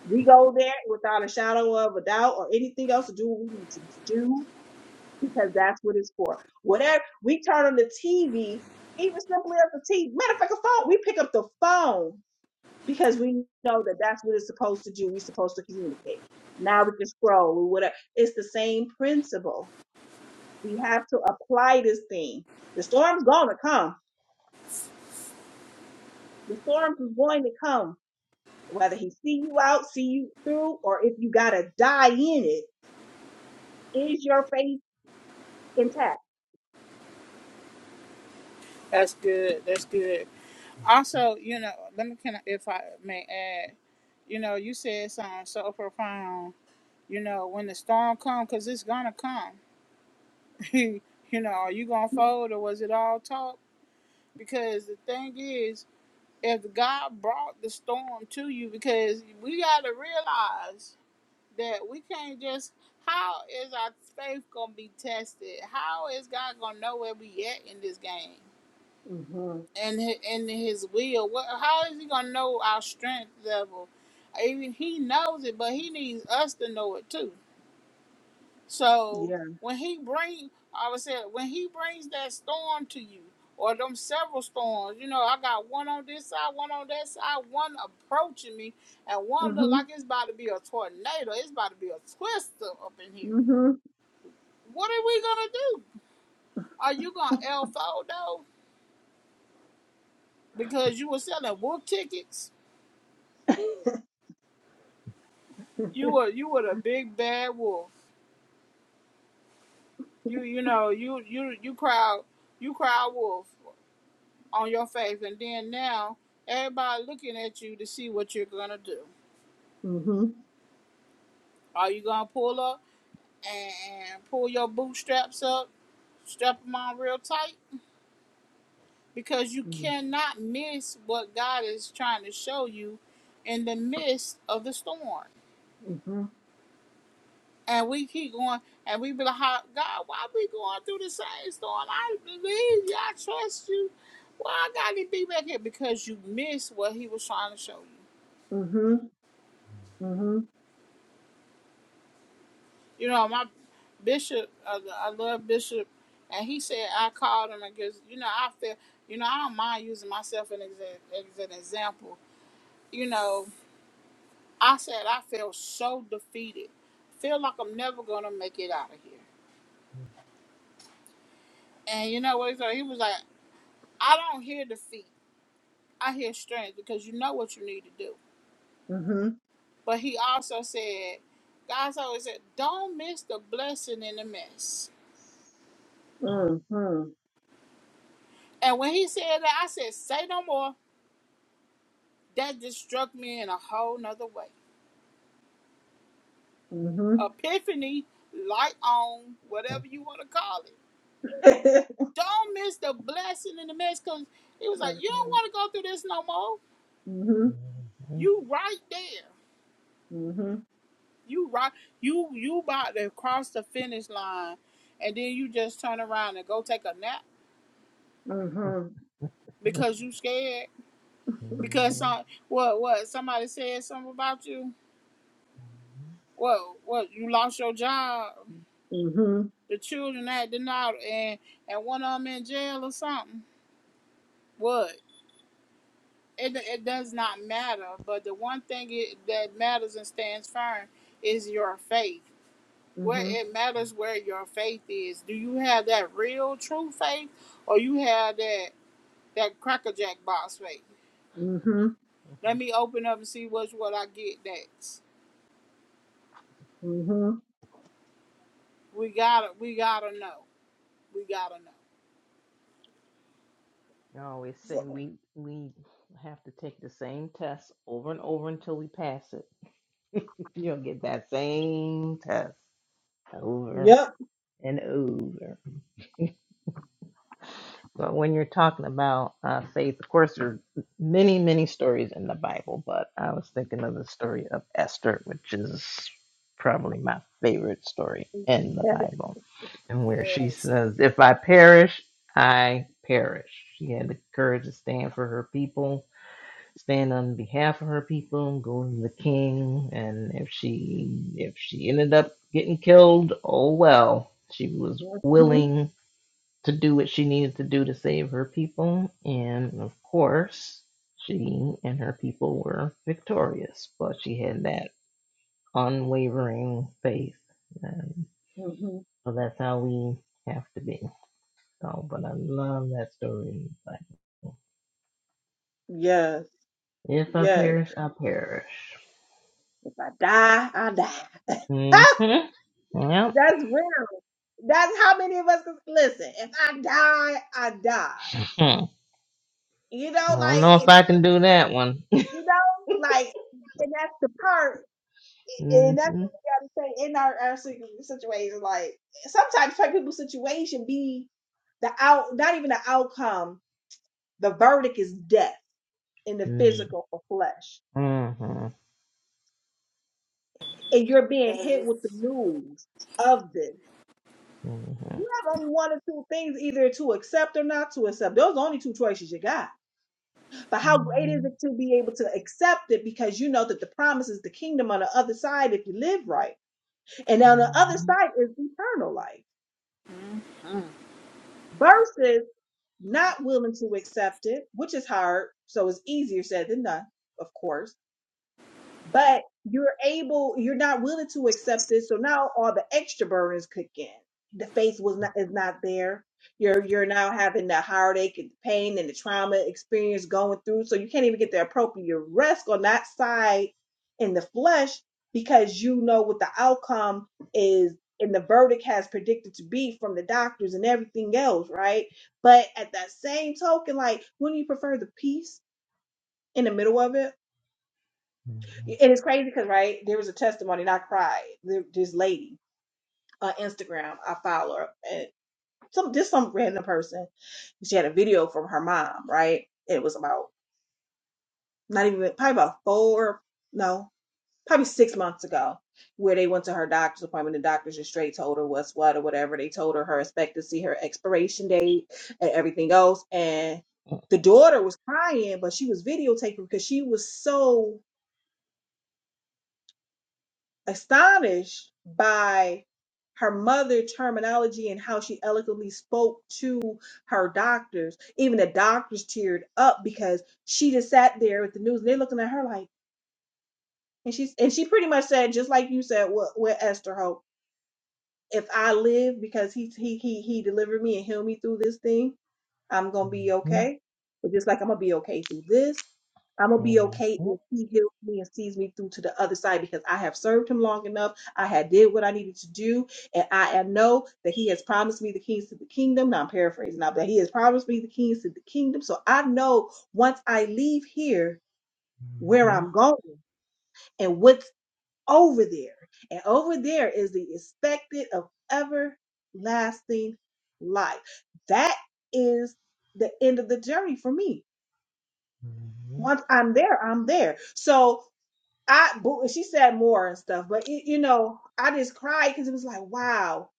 Speaker 2: We go there without a shadow of a doubt or anything else to do what we need to do because that's what it's for. Whatever we turn on the TV, even simply as the TV, matter of fact, a phone, we pick up the phone because we know that that's what it's supposed to do. We're supposed to communicate. Now we can scroll, or whatever. It's the same principle. We have to apply this thing. The storm's gonna come The storms is going to come, whether he see you out, see you through, or if you gotta die in it. Is your faith intact?
Speaker 1: That's good. That's good. Also, you know, let me can I, if I may add, you know, you said something so profound. You know, when the storm comes, because it's gonna come. you know, are you gonna fold or was it all talk? Because the thing is, if God brought the storm to you, because we gotta realize that we can't just how is our faith gonna be tested? How is God gonna know where we at in this game
Speaker 2: Mm-hmm.
Speaker 1: and in His will? What, how is He gonna know our strength level? Even He knows it, but He needs us to know it too. So
Speaker 2: Yeah.
Speaker 1: when He bring, I would say when He brings that storm to you. Or them several storms, you know. I got one on this side, one on that side, one approaching me, and one look
Speaker 2: hmm
Speaker 1: like it's about to be a tornado. It's about to be a twister up in here
Speaker 2: hmm
Speaker 1: What are we gonna do? Are you gonna L four though? Because you were selling wolf tickets. You were you were the big bad wolf. You you know you you you crowd you crowd wolf on your face, and then now everybody looking at you to see what you're gonna do.
Speaker 2: Mm-hmm.
Speaker 1: Are you gonna pull up and pull your bootstraps up, strap them on real tight? Because you
Speaker 2: Mm-hmm.
Speaker 1: cannot miss what God is trying to show you in the midst of the storm.
Speaker 2: Mm-hmm.
Speaker 1: And we keep going, and we be like, "How- God, why we going through the same storm? I believe you. I trust you. Why I got to be back here? Because you missed what he was trying to show you.
Speaker 2: Mm-hmm.
Speaker 1: You know, my bishop, uh, I love bishop, and he said, I called him because, you know, I feel, you know, I don't mind using myself as an exa- as an example. You know, I said, I feel so defeated. Feel like I'm never going to make it out of here. And you know what he said? He was like, I don't hear defeat. I hear strength because you know what you need to do.
Speaker 2: Mm-hmm.
Speaker 1: But he also said, God's always said, don't miss the blessing in the mess. And when he said that, I said, say no more. That just struck me in a whole nother way.
Speaker 2: Mm-hmm. Mm-hmm.
Speaker 1: Epiphany, light on, whatever you want to call it. Don't miss the blessing in the mess because he was like,
Speaker 2: That's
Speaker 1: you don't
Speaker 2: right.
Speaker 1: want to go through this no more.
Speaker 2: Mm-hmm.
Speaker 1: You right there.
Speaker 2: Mm-hmm.
Speaker 1: You right. You you about to cross the finish line, and then you just turn around and go take a nap
Speaker 2: Mm-hmm.
Speaker 1: Because you scared? Because some what what somebody said something about you? What what you lost your job?
Speaker 2: Mm-hmm.
Speaker 1: The children acting out and and one of them in jail or something? What? It it does not matter. But the one thing it, that matters and stands firm is your faith. Where it matters where your faith is. Do you have that real true faith, or you have that that crackerjack box faith?
Speaker 2: Mm-hmm.
Speaker 1: Let me open up and see what's what I get next.
Speaker 2: Mm-hmm.
Speaker 1: We gotta, we gotta know. We gotta know.
Speaker 4: always say
Speaker 2: Mm-hmm.
Speaker 4: we we have to take the same test over and over until we pass it. You'll get that same test over
Speaker 2: Yep.
Speaker 4: and over. But when you're talking about uh, faith, of course, there are many, many stories in the Bible, but I was thinking of the story of Esther, which is probably my favorite story in the Bible, and where she says, If I perish, I perish. She had the courage to stand for her people, stand on behalf of her people, go to the king, and if she if she ended up getting killed, oh well. She was
Speaker 2: Mm-hmm.
Speaker 4: willing to do what she needed to do to save her people. And of course, she and her people were victorious, but she had that unwavering faith. And
Speaker 2: Mm-hmm.
Speaker 4: so that's how we have to be. So, but I love that story. Like,
Speaker 2: Yes.
Speaker 4: if I
Speaker 2: Yes.
Speaker 4: perish, I perish.
Speaker 2: If I die, I die.
Speaker 4: hmm Yep.
Speaker 2: That's real. That's how many of us can listen. If I die, I die.
Speaker 4: Hmm.
Speaker 2: You know,
Speaker 4: I don't
Speaker 2: like
Speaker 4: know if
Speaker 2: if
Speaker 4: I can do that one.
Speaker 2: you know, like, and that's the part, and that's
Speaker 4: mm-hmm.
Speaker 2: what we gotta say in our, our situ- situation. Like sometimes like, people's situation be the out, not even the outcome. The verdict is death in the
Speaker 4: Mm-hmm.
Speaker 2: physical or flesh,
Speaker 4: Mm-hmm.
Speaker 2: and you're being hit with the news of this.
Speaker 4: Mm-hmm.
Speaker 2: You have only one or two things either to accept or not to accept. Those are the only two choices you got. But how great is it to be able to accept it because you know that the promise is the kingdom on the other side if you live right. And on the other
Speaker 4: Mm-hmm.
Speaker 2: side is eternal life versus not willing to accept it, which is hard. So it's easier said than done, of course but you're able you're not willing to accept this so now all the extra burdens kick in the faith was not is not there you're you're now having the heartache and the pain and the trauma experience going through so you can't even get the appropriate rest on that side in the flesh because you know what the outcome is and the verdict has predicted to be from the doctors and everything else right but at that same token like wouldn't you prefer the peace in the middle of it
Speaker 4: Mm-hmm.
Speaker 2: and it's crazy because right there was a testimony, and I cried. There- This lady on Instagram, I follow her, and some just some random person. She had a video from her mom, right? It was about not even probably about four, no, probably six months ago, where they went to her doctor's appointment. The doctor just straight told her what's what or whatever. They told her her expectancy, her expiration date, and everything else. And the daughter was crying, but she was videotaping because she was so astonished by her mother terminology and how she eloquently spoke to her doctors. Even the doctors teared up because she just sat there with the news and they're looking at her like and she's and she pretty much said, just like you said with, with Esther Hope, if I live because he he he he delivered me and healed me through this thing, I'm gonna be
Speaker 4: Mhm,
Speaker 2: okay. But just like I'm gonna be okay through this, I'm
Speaker 4: mhm,
Speaker 2: gonna be okay if
Speaker 4: mhm,
Speaker 2: he heals me and sees me through to the other side because I have served him long enough. I had did what I needed to do, and I, I know that he has promised me the keys to the kingdom. Now I'm paraphrasing now, but he has promised me the keys to the kingdom. So I know once I leave here where
Speaker 4: mhm.
Speaker 2: I'm going and what's over there. And over there is the expected of everlasting life. That is the end of the journey for me. Once I'm there, I'm there. So I boo, she said more and stuff, but it, you know, I just cried because it was like, wow.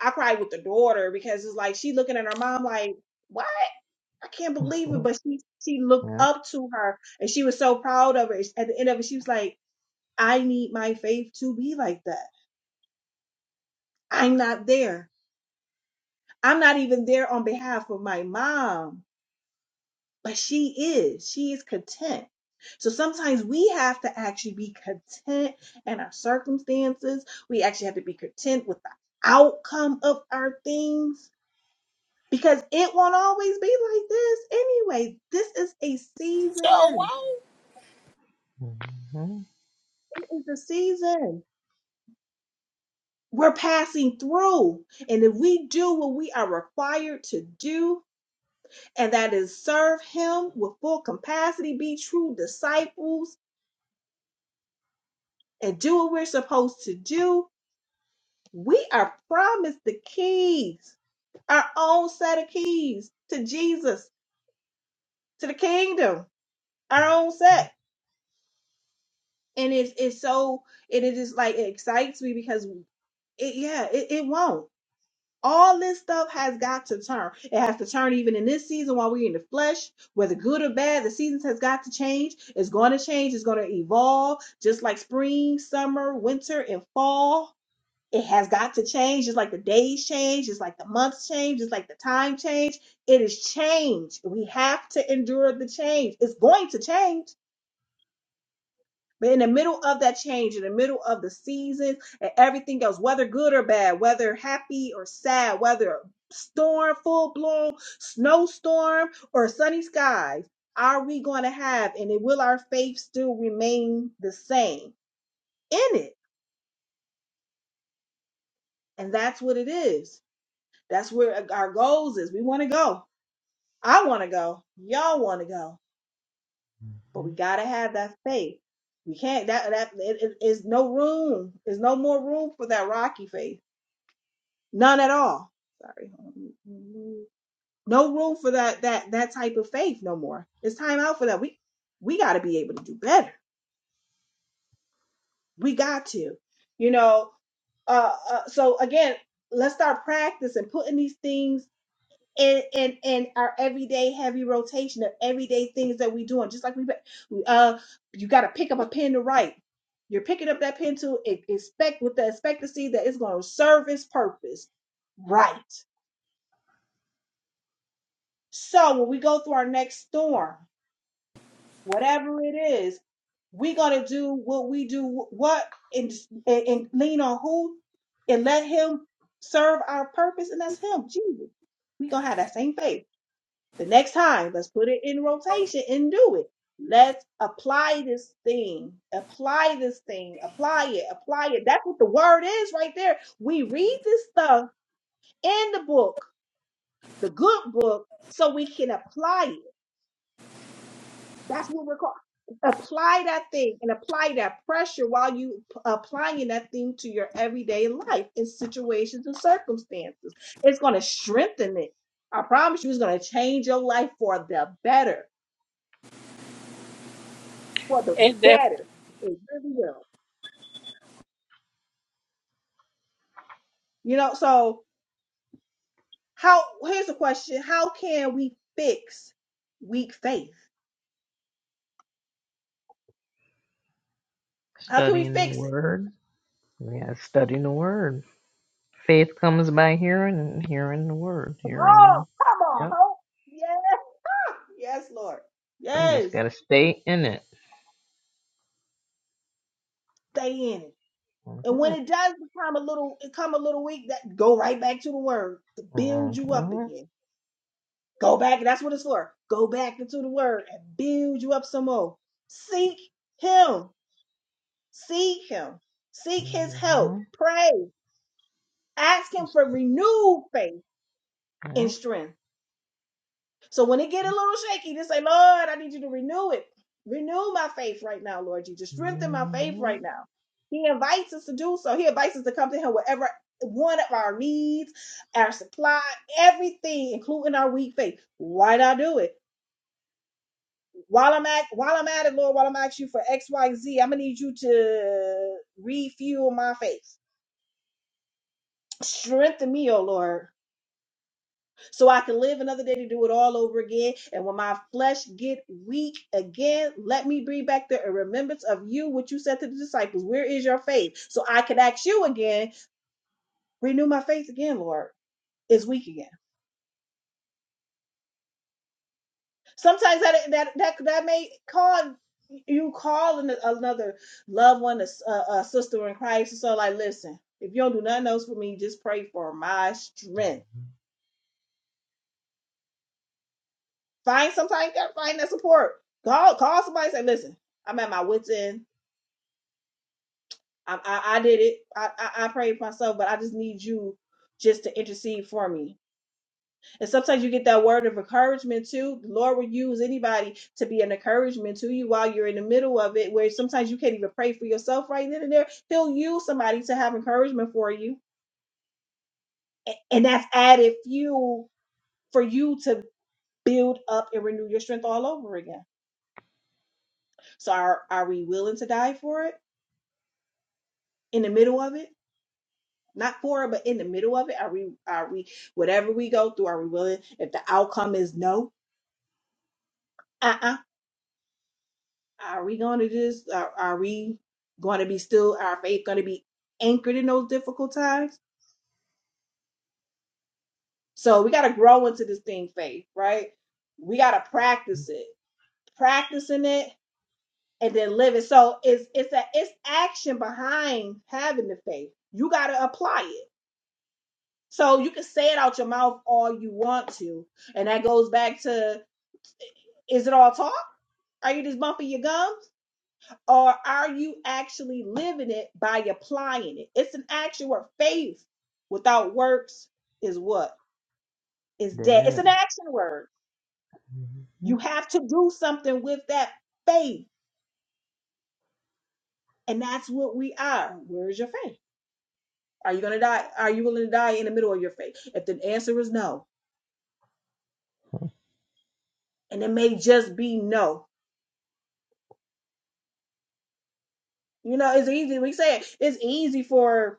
Speaker 2: I cried with the daughter because it's like she looking at her mom like, what? I can't
Speaker 4: Hmm.
Speaker 2: believe it. But she she looked
Speaker 4: Yep.
Speaker 2: up to her and she was so proud of her. At the end of it, she was like, I need my faith to be like that. I'm not there. I'm not even there on behalf of my mom. but she is she is content so sometimes we have to actually be content in our circumstances we actually have to be content with the outcome of our things because it won't always be like this anyway this is a
Speaker 1: So
Speaker 2: season
Speaker 1: won't.
Speaker 4: Mhm,
Speaker 2: it is a season we're passing through and if we do what we are required to do and that is serve him with full capacity be true disciples and do what we're supposed to do We are promised the keys, our own set of keys to Jesus, to the kingdom, our own
Speaker 4: mhm,
Speaker 2: set. And it's it's so and it is like it excites me because it yeah, it, it won't. All this stuff has got to turn. It has to turn even in this season while we're in the flesh, whether good or bad, the seasons has got to change. It's going to change. It's going to evolve just like spring, summer, winter, and fall It has got to change. It's like the days change. It's like the months change. It's like the time change. It is change. We have to endure the change. It's going to change. But in the middle of that change, in the middle of the seasons and everything else, whether good or bad, whether happy or sad, whether storm, full blown snowstorm, or sunny skies, are we going to have? And it, will our faith still remain the same in it? And that's what it is. That's where uh, our goals is. We want to go. I want to go. Y'all want to go. But we
Speaker 4: mhm.
Speaker 2: got to have that faith. We can't, that, that, it, it- it's no room. There's no more room for that rocky faith. None at all. Sorry. No room for that, that, that type of faith no more. It's time out for that. We, we got to be able to do better. We got to, you know, uh, uh, so again, let's start practicing putting these things in in in our everyday heavy rotation of everyday things that we doing. Just like we, uh, you got to pick up a pen to write. You're picking up that pen to e- expect with the expectancy that it's going to serve its purpose, right? So when we go through our next storm, whatever it is, we got to do what we do. What and and, and lean on who, and let Him serve our purpose, and that's Him, Jesus. We gonna have that same faith The next time, let's put it in rotation and do it. Let's apply this thing, apply this thing, apply it, apply it. That's what the word is right there. We read this stuff in the book, the good book, so we can apply it. That's what we're called. Apply that thing and apply that pressure while you p- applying that thing to your everyday life in situations and circumstances. It's going to strengthen it. I promise you, it's going to change your life for the better for the
Speaker 1: It's def-
Speaker 2: better. It really will. You know, so how here's the question. How can we fix weak faith? How can we
Speaker 4: Studying the
Speaker 2: fix it?
Speaker 4: word. Yeah, studying the word. Faith comes by hearing and hearing the word.
Speaker 2: Come on,
Speaker 4: Hearing.
Speaker 2: come on,
Speaker 4: Yep.
Speaker 2: hope. Yes, yes, Lord.
Speaker 4: So we just
Speaker 2: Yes.
Speaker 4: gotta stay in it.
Speaker 2: Stay in it. And when
Speaker 4: Mhm,
Speaker 2: it does become a little it come a little weak, that go right back to the word to build you up
Speaker 4: mhm,
Speaker 2: again. Go back, that's what it's for. Go back into the word and build you up some more. Seek him. Seek him. Seek his help.
Speaker 4: mhm.
Speaker 2: Pray. Ask him
Speaker 4: Just
Speaker 2: for
Speaker 4: keep.
Speaker 2: renewed faith and
Speaker 4: Yep.
Speaker 2: strength. So when it get a little shaky, just say, Lord, I need you to renew it. Renew my faith right now, Lord Jesus. Strengthen my
Speaker 4: Mhm,
Speaker 2: faith
Speaker 4: mhm.
Speaker 2: right now. He invites us to do so. He invites us to come to him whatever one of our needs, our supply, everything, including our weak faith. Why not do it? While I'm at while I'm at it, Lord, while I'm asking you for X, Y, Z, I'm gonna need you to refuel my faith. Strengthen me, oh Lord so I can live another day to do it all over again. And when my flesh get weak again, let me bring back the remembrance of you, what you said to the disciples. Where is your faith? So I can ask you again, renew my faith again, Lord. It's weak again. Sometimes that that that that may call you call an- another loved one, a, s- a- a sister in Christ, and so like, listen, if you don't do nothing else for me, just pray for my strength. Find sometimes you gotta find that support. Call call somebody, and say, listen, I'm at my wits end. I, I, I did it. I, I, I prayed for myself, but I just need you just to intercede for me. And sometimes you get that word of encouragement too. The Lord will use anybody to be an encouragement to you while you're in the middle of it, where sometimes you can't even pray for yourself right then and there. He'll use somebody to have encouragement for you. A- And that's added fuel for you to build up and renew your strength all over again. So are, are we willing to die for it in the middle of it? Not for it, but in the middle of it. Are we are we whatever we go through, are we willing if the outcome is no, uh-uh, are we gonna just are, are we gonna be still our faith gonna be anchored in those difficult times? So we gotta grow into this thing faith, right? We gotta practice it. Practicing it and then live it. So it's it's a it's action behind having the faith. You gotta apply it. So you can say it out your mouth all you want to. And that goes back to is it all talk? Are you just bumping your gums? Or are you actually living it by applying it? It's an action word. Faith without works is what? Is dead. It's
Speaker 4: Dead.
Speaker 2: an action word. You have to do something with that faith. And that's what we are. Where's your faith? Are you going to die? Are you willing to die in the middle of your faith? If the answer is no, and it may just be no. You know, it's easy. We say it, it's easy for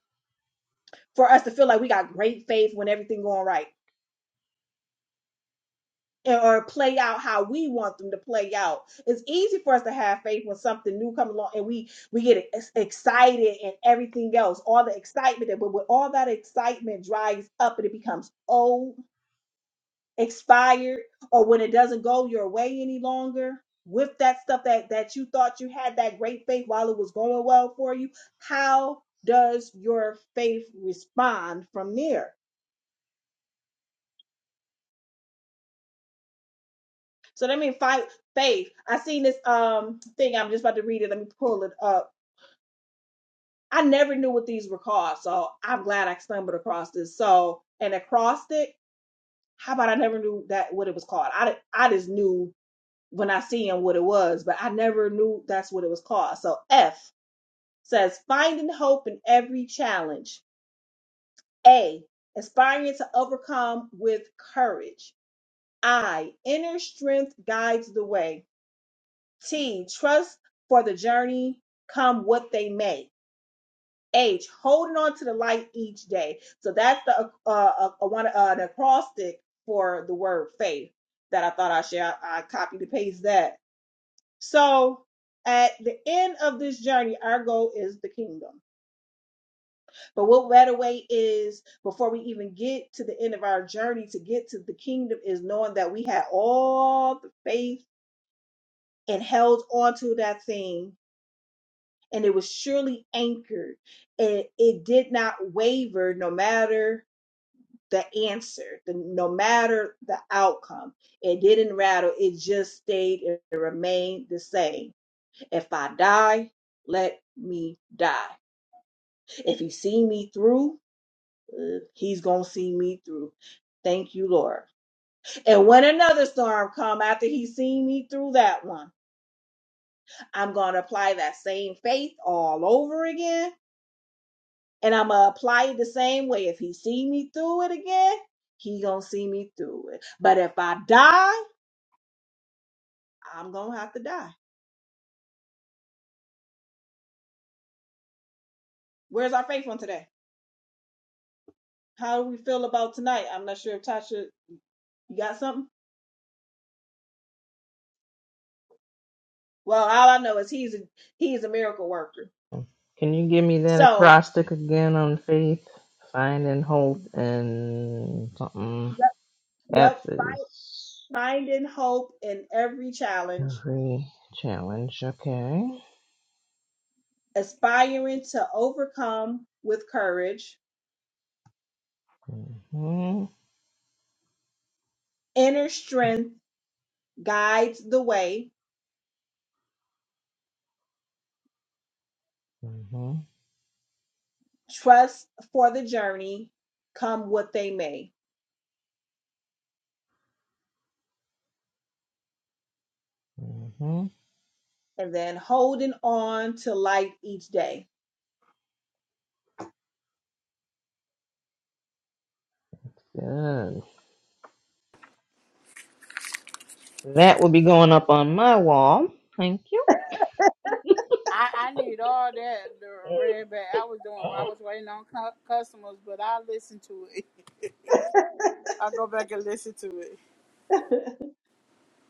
Speaker 2: for us to feel like we got great faith when everything going right. or play out how we want them to play out. It's easy for us to have faith when something new comes along and we we get ex- excited and everything else, all the excitement that but when all that excitement dries up and it becomes old, expired, or when it doesn't go your way any longer with that stuff that that you thought you had that great faith while it was going well for you, how does your faith respond from there? So let me fight faith. I seen this um thing. I'm just about to read it. Let me pull it up. I never knew what these were called, so I'm glad I stumbled across this. So an acrostic. How about I never knew that what it was called? I I just knew when I seen what it was, but I never knew that's what it was called. So F says finding hope in every challenge. A aspiring to overcome with courage. I inner strength guides the way. T, trust for the journey, come what they may. H, holding on to the light each day. So that's the uh, uh, uh, one uh, the acrostic for the word faith that I thought I should I, I copied and paste that. So at the end of this journey, our goal is the kingdom. But what better way is before we even get to the end of our journey to get to the kingdom is knowing that we had all the faith and held on to that thing and it was surely anchored. It, it did not waver no matter the answer, the, no matter the outcome. It didn't rattle. It just stayed and it remained the same. If I die, let me die. If he see me through, uh, he's going to see me through. Thank you, Lord. And when another storm come after he seen me through that one, I'm going to apply that same faith all over again and I'm gonna apply it the same way. If he see me through it again, he gonna see me through it. But if I die, I'm gonna have to die. Where's our faith on today? How do we feel about tonight? I'm not sure if Tasha, you got something. Well, all I know is he's a he's a miracle worker.
Speaker 4: Can you give me that
Speaker 2: So
Speaker 4: acrostic again on faith? Find and hope and something.
Speaker 2: yep,
Speaker 4: F
Speaker 2: yep,
Speaker 4: is
Speaker 2: finding hope in every challenge,
Speaker 4: every challenge. Okay.
Speaker 2: aspiring to overcome with courage,
Speaker 4: Mhm.
Speaker 2: inner strength guides the way
Speaker 4: Mhm.
Speaker 2: Trust for the journey, come what they may,
Speaker 4: Mhm.
Speaker 2: and then holding on to light each day.
Speaker 4: Good. That will be going up on my wall. Thank you.
Speaker 1: I, I need all that the
Speaker 4: Mhm.
Speaker 1: red bag. I was doing. I was waiting on cu- customers, but I listened to it. I go back and listen to it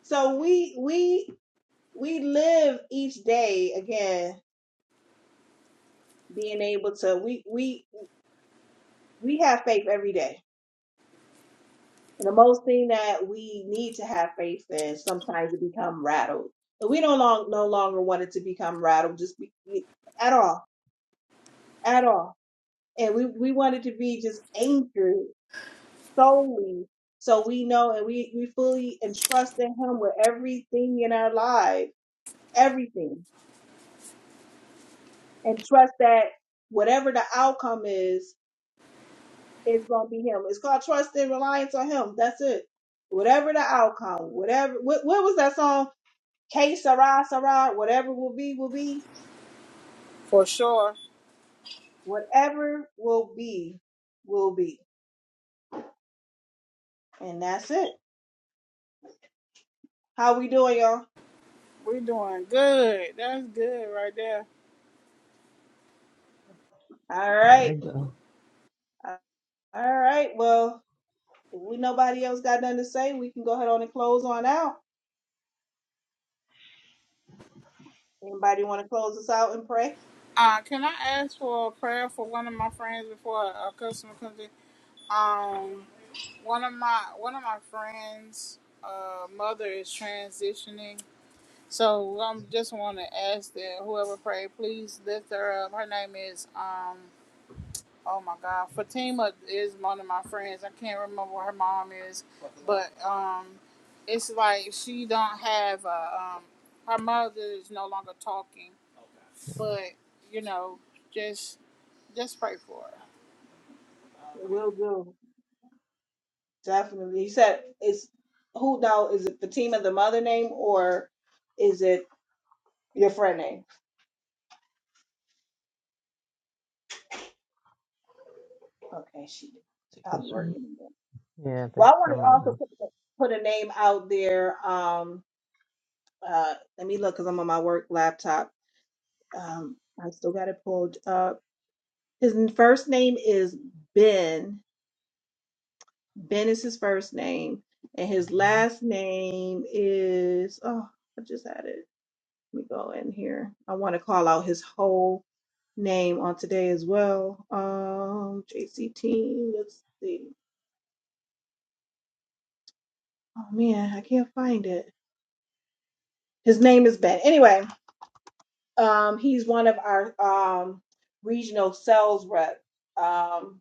Speaker 2: So we we we live each day again, being able to we we we have faith every day. And the most thing that we need to have faith in sometimes to become rattled. But we don't long, no longer want it to become rattled just be, at all, at all. And we, we want it to be just anchored solely. So we know and we, we fully entrust in him with everything in our life, everything. And trust that whatever the outcome is, it's gonna be him. It's called trust and reliance on him. That's it. Whatever the outcome, whatever what, what was that song? K Sarah Sarah, whatever will be, will be.
Speaker 1: for sure.
Speaker 2: Whatever will be, will be. And that's it. How we doing, y'all?
Speaker 1: We doing good. That's good right there.
Speaker 2: All
Speaker 4: There
Speaker 2: right.
Speaker 4: we go.
Speaker 2: All right. Well, If we nobody else got nothing to say, we can go ahead on and close on out. Anybody want to close us out and pray?
Speaker 1: Uh, can I ask for a prayer for one of my friends before a, a customer comes in? Um, one of my one of my friends' uh, mother is transitioning, So I um, just want to ask that whoever prayed, please lift her up. Her name is um. Oh my God, Fatima is one of my friends. I can't remember what her mom is, but um, it's like she don't have a um. Her mother is no longer talking,
Speaker 4: Mm,
Speaker 1: but you know, just just pray for her.
Speaker 2: We'll do. Definitely. You said it's who now is it Fatima the mother name or is it your friend name? Okay, she she
Speaker 4: Thank you,
Speaker 2: probably
Speaker 4: sir.
Speaker 2: working. again.
Speaker 4: Yeah,
Speaker 2: Well, I
Speaker 4: thanks
Speaker 2: want
Speaker 4: for
Speaker 2: to also
Speaker 4: mother.
Speaker 2: put, put a name out there. Um, uh, let me look because I'm on my work laptop. Um, I still got it pulled up. His first name is Ben Ben is his first name, and his
Speaker 4: Mhm.
Speaker 2: last name is oh, I just had it. Let me go in here. I want to call out his whole name on today as well. Um, JC Let's see. Oh man, I can't find it. His name is Ben. Anyway, um, he's one of our um regional sales rep. Um,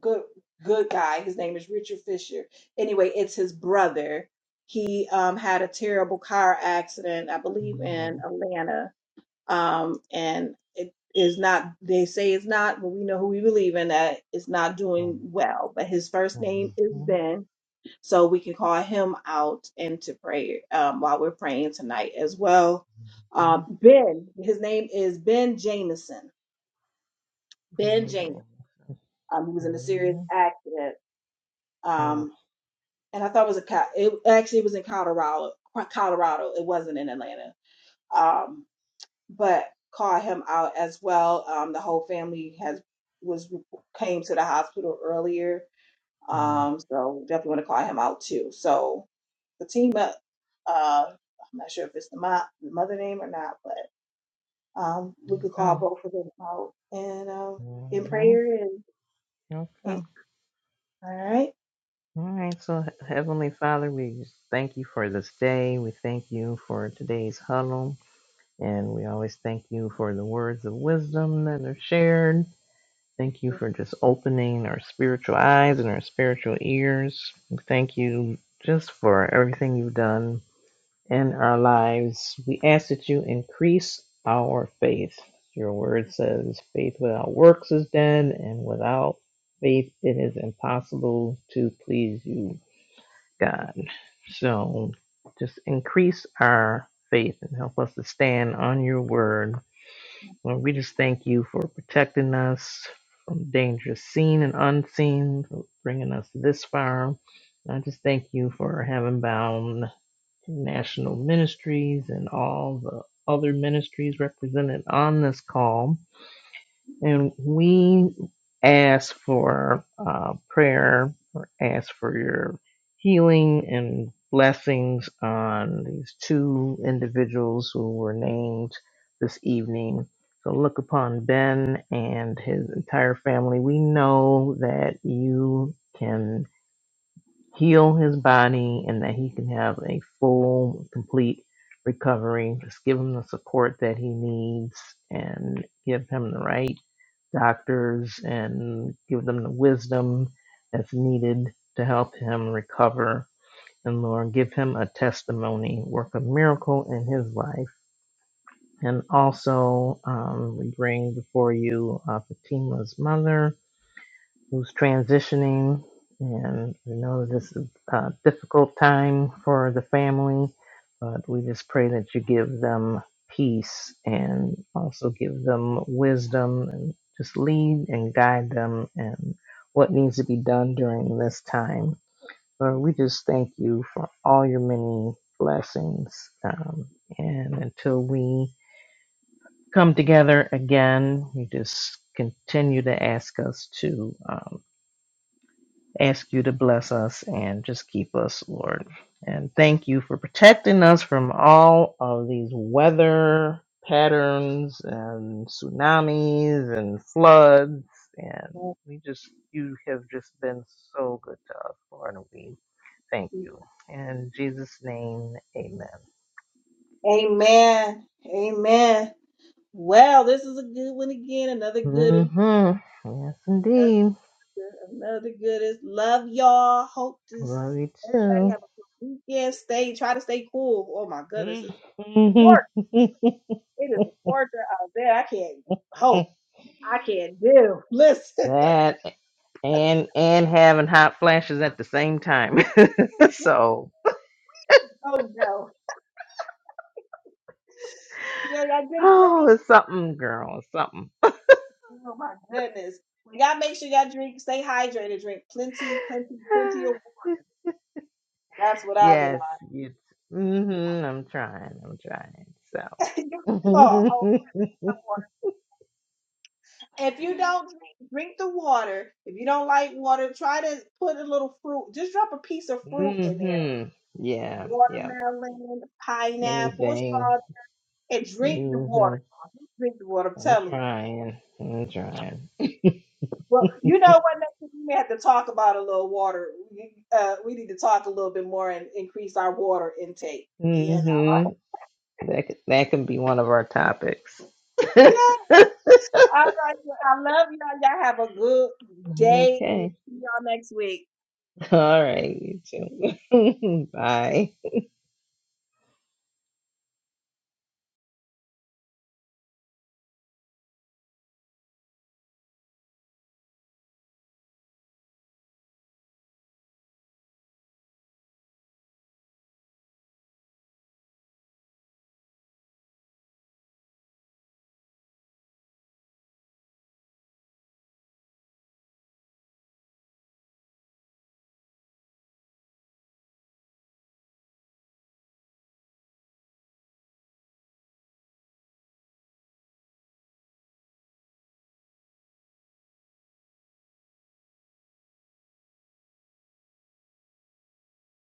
Speaker 2: good good guy. His name is Richard Fisher. Anyway, it's his brother. He um, had a terrible car accident, I believe, in
Speaker 4: Mhm.
Speaker 2: Atlanta, um, and it is not. They say it's not, but we know who we believe in that it's not
Speaker 4: Mhm.
Speaker 2: doing well. But his first name is
Speaker 4: Mhm.
Speaker 2: Ben, so we can call him out into prayer um, while we're praying tonight as well. Um,
Speaker 4: Mhm.
Speaker 2: ben, his name is Ben Jameson. Ben
Speaker 4: Mhm.
Speaker 2: Jameson. Um, he was in a serious
Speaker 4: Mhm.
Speaker 2: accident.
Speaker 4: Mhm.
Speaker 2: Um, and I thought it was a co- it actually was in Colorado. Colorado, it wasn't in Atlanta. Um, but called him out as well. Um, the whole family has was came to the hospital earlier.
Speaker 4: Mhm.
Speaker 2: Um, so definitely want to call him out too. So the team up, uh, I'm not sure if it's the, mo- the mother name or not, but um, we could
Speaker 4: Mhm.
Speaker 2: call both of them out and um, in
Speaker 4: hmm
Speaker 2: prayer and,
Speaker 4: Okay.
Speaker 2: and all right.
Speaker 4: All right. So, Heavenly Father, we just thank you for this day. We thank you for today's huddle. And we always thank you for the words of wisdom that are shared. Thank you for just opening our spiritual eyes and our spiritual ears. We Thank you just for everything you've done in our lives. We ask that you increase our faith. Your word says, faith without works is dead, and without faith it is impossible to please you, God. So just increase our faith and help us to stand on your word. Lord, we just thank you for protecting us from dangers seen and unseen, for bringing us this far. I just thank you for having bound national ministries and all the other ministries represented on this call. And we ask for uh, prayer or ask for your healing and blessings on these two individuals who were named this evening. So look upon Ben and his entire family. We know that you can heal his body and that he can have a full, complete recovery. Just give him the support that he needs and give him the right doctors and give them the wisdom that's needed to help him recover. And Lord, give him a testimony, work a miracle in his life. And also, um, we bring before you uh, Fatima's mother who's transitioning, and we know this is a difficult time for the family, but we just pray that you give them peace and also give them wisdom and just lead and guide them and what needs to be done during this time. Lord, we just thank you for all your many blessings. Um, and until we come together again, we just continue to ask us to. um, Ask you to bless us and just keep us, Lord. And thank you for protecting us from all of these weather patterns and tsunamis and floods. And we just, you have just been so good to us, Lord. And we thank you. In Jesus' name, amen.
Speaker 2: Amen. Amen. Well, this is a good one again. Another good,
Speaker 4: Mm-hmm. Yes,
Speaker 2: one,
Speaker 4: indeed.
Speaker 2: another good, another good is love y'all. Hope to s-
Speaker 4: Love you
Speaker 2: everybody have a good weekend. Stay, try to stay cool. Oh my goodness, it's quarter.
Speaker 4: too.
Speaker 2: It is a quarter out there. I can't hope. I can't do. Listen.
Speaker 4: that and and having hot flashes at the same time. so,
Speaker 2: Oh no. Yeah, y'all drink
Speaker 4: oh,
Speaker 2: plenty.
Speaker 4: it's something, girl, it's something.
Speaker 2: Oh my goodness. Well, y'all make sure y'all drink, stay hydrated, drink plenty, plenty, plenty of water. That's what I've been
Speaker 4: yes,
Speaker 2: on.
Speaker 4: yes. Mhm. I'm trying. I'm trying. So.
Speaker 2: oh, oh, if you don't drink, drink the water, if you don't like water, try to put a little fruit. Just drop a piece of
Speaker 4: mm
Speaker 2: fruit in there,
Speaker 4: mhm. Yeah. Yeah.
Speaker 2: watermelon, pineapple, or
Speaker 4: Anything.
Speaker 2: strawberry, and drink the
Speaker 4: mm
Speaker 2: water.
Speaker 4: Mhm.
Speaker 2: Drink the water. I'm
Speaker 4: I'm
Speaker 2: telling you.
Speaker 4: trying. I'm trying.
Speaker 2: Well, you know what? Next time we may have to talk about a little water. We, uh, we need to talk a little bit more and increase our water intake. You
Speaker 4: mm
Speaker 2: know.
Speaker 4: Mhm. That could, that could be one of our topics. okay.
Speaker 2: Yeah. All right. well, I love y'all. Y'all have a good day, and see y'all next week.
Speaker 4: All right. you too. Bye.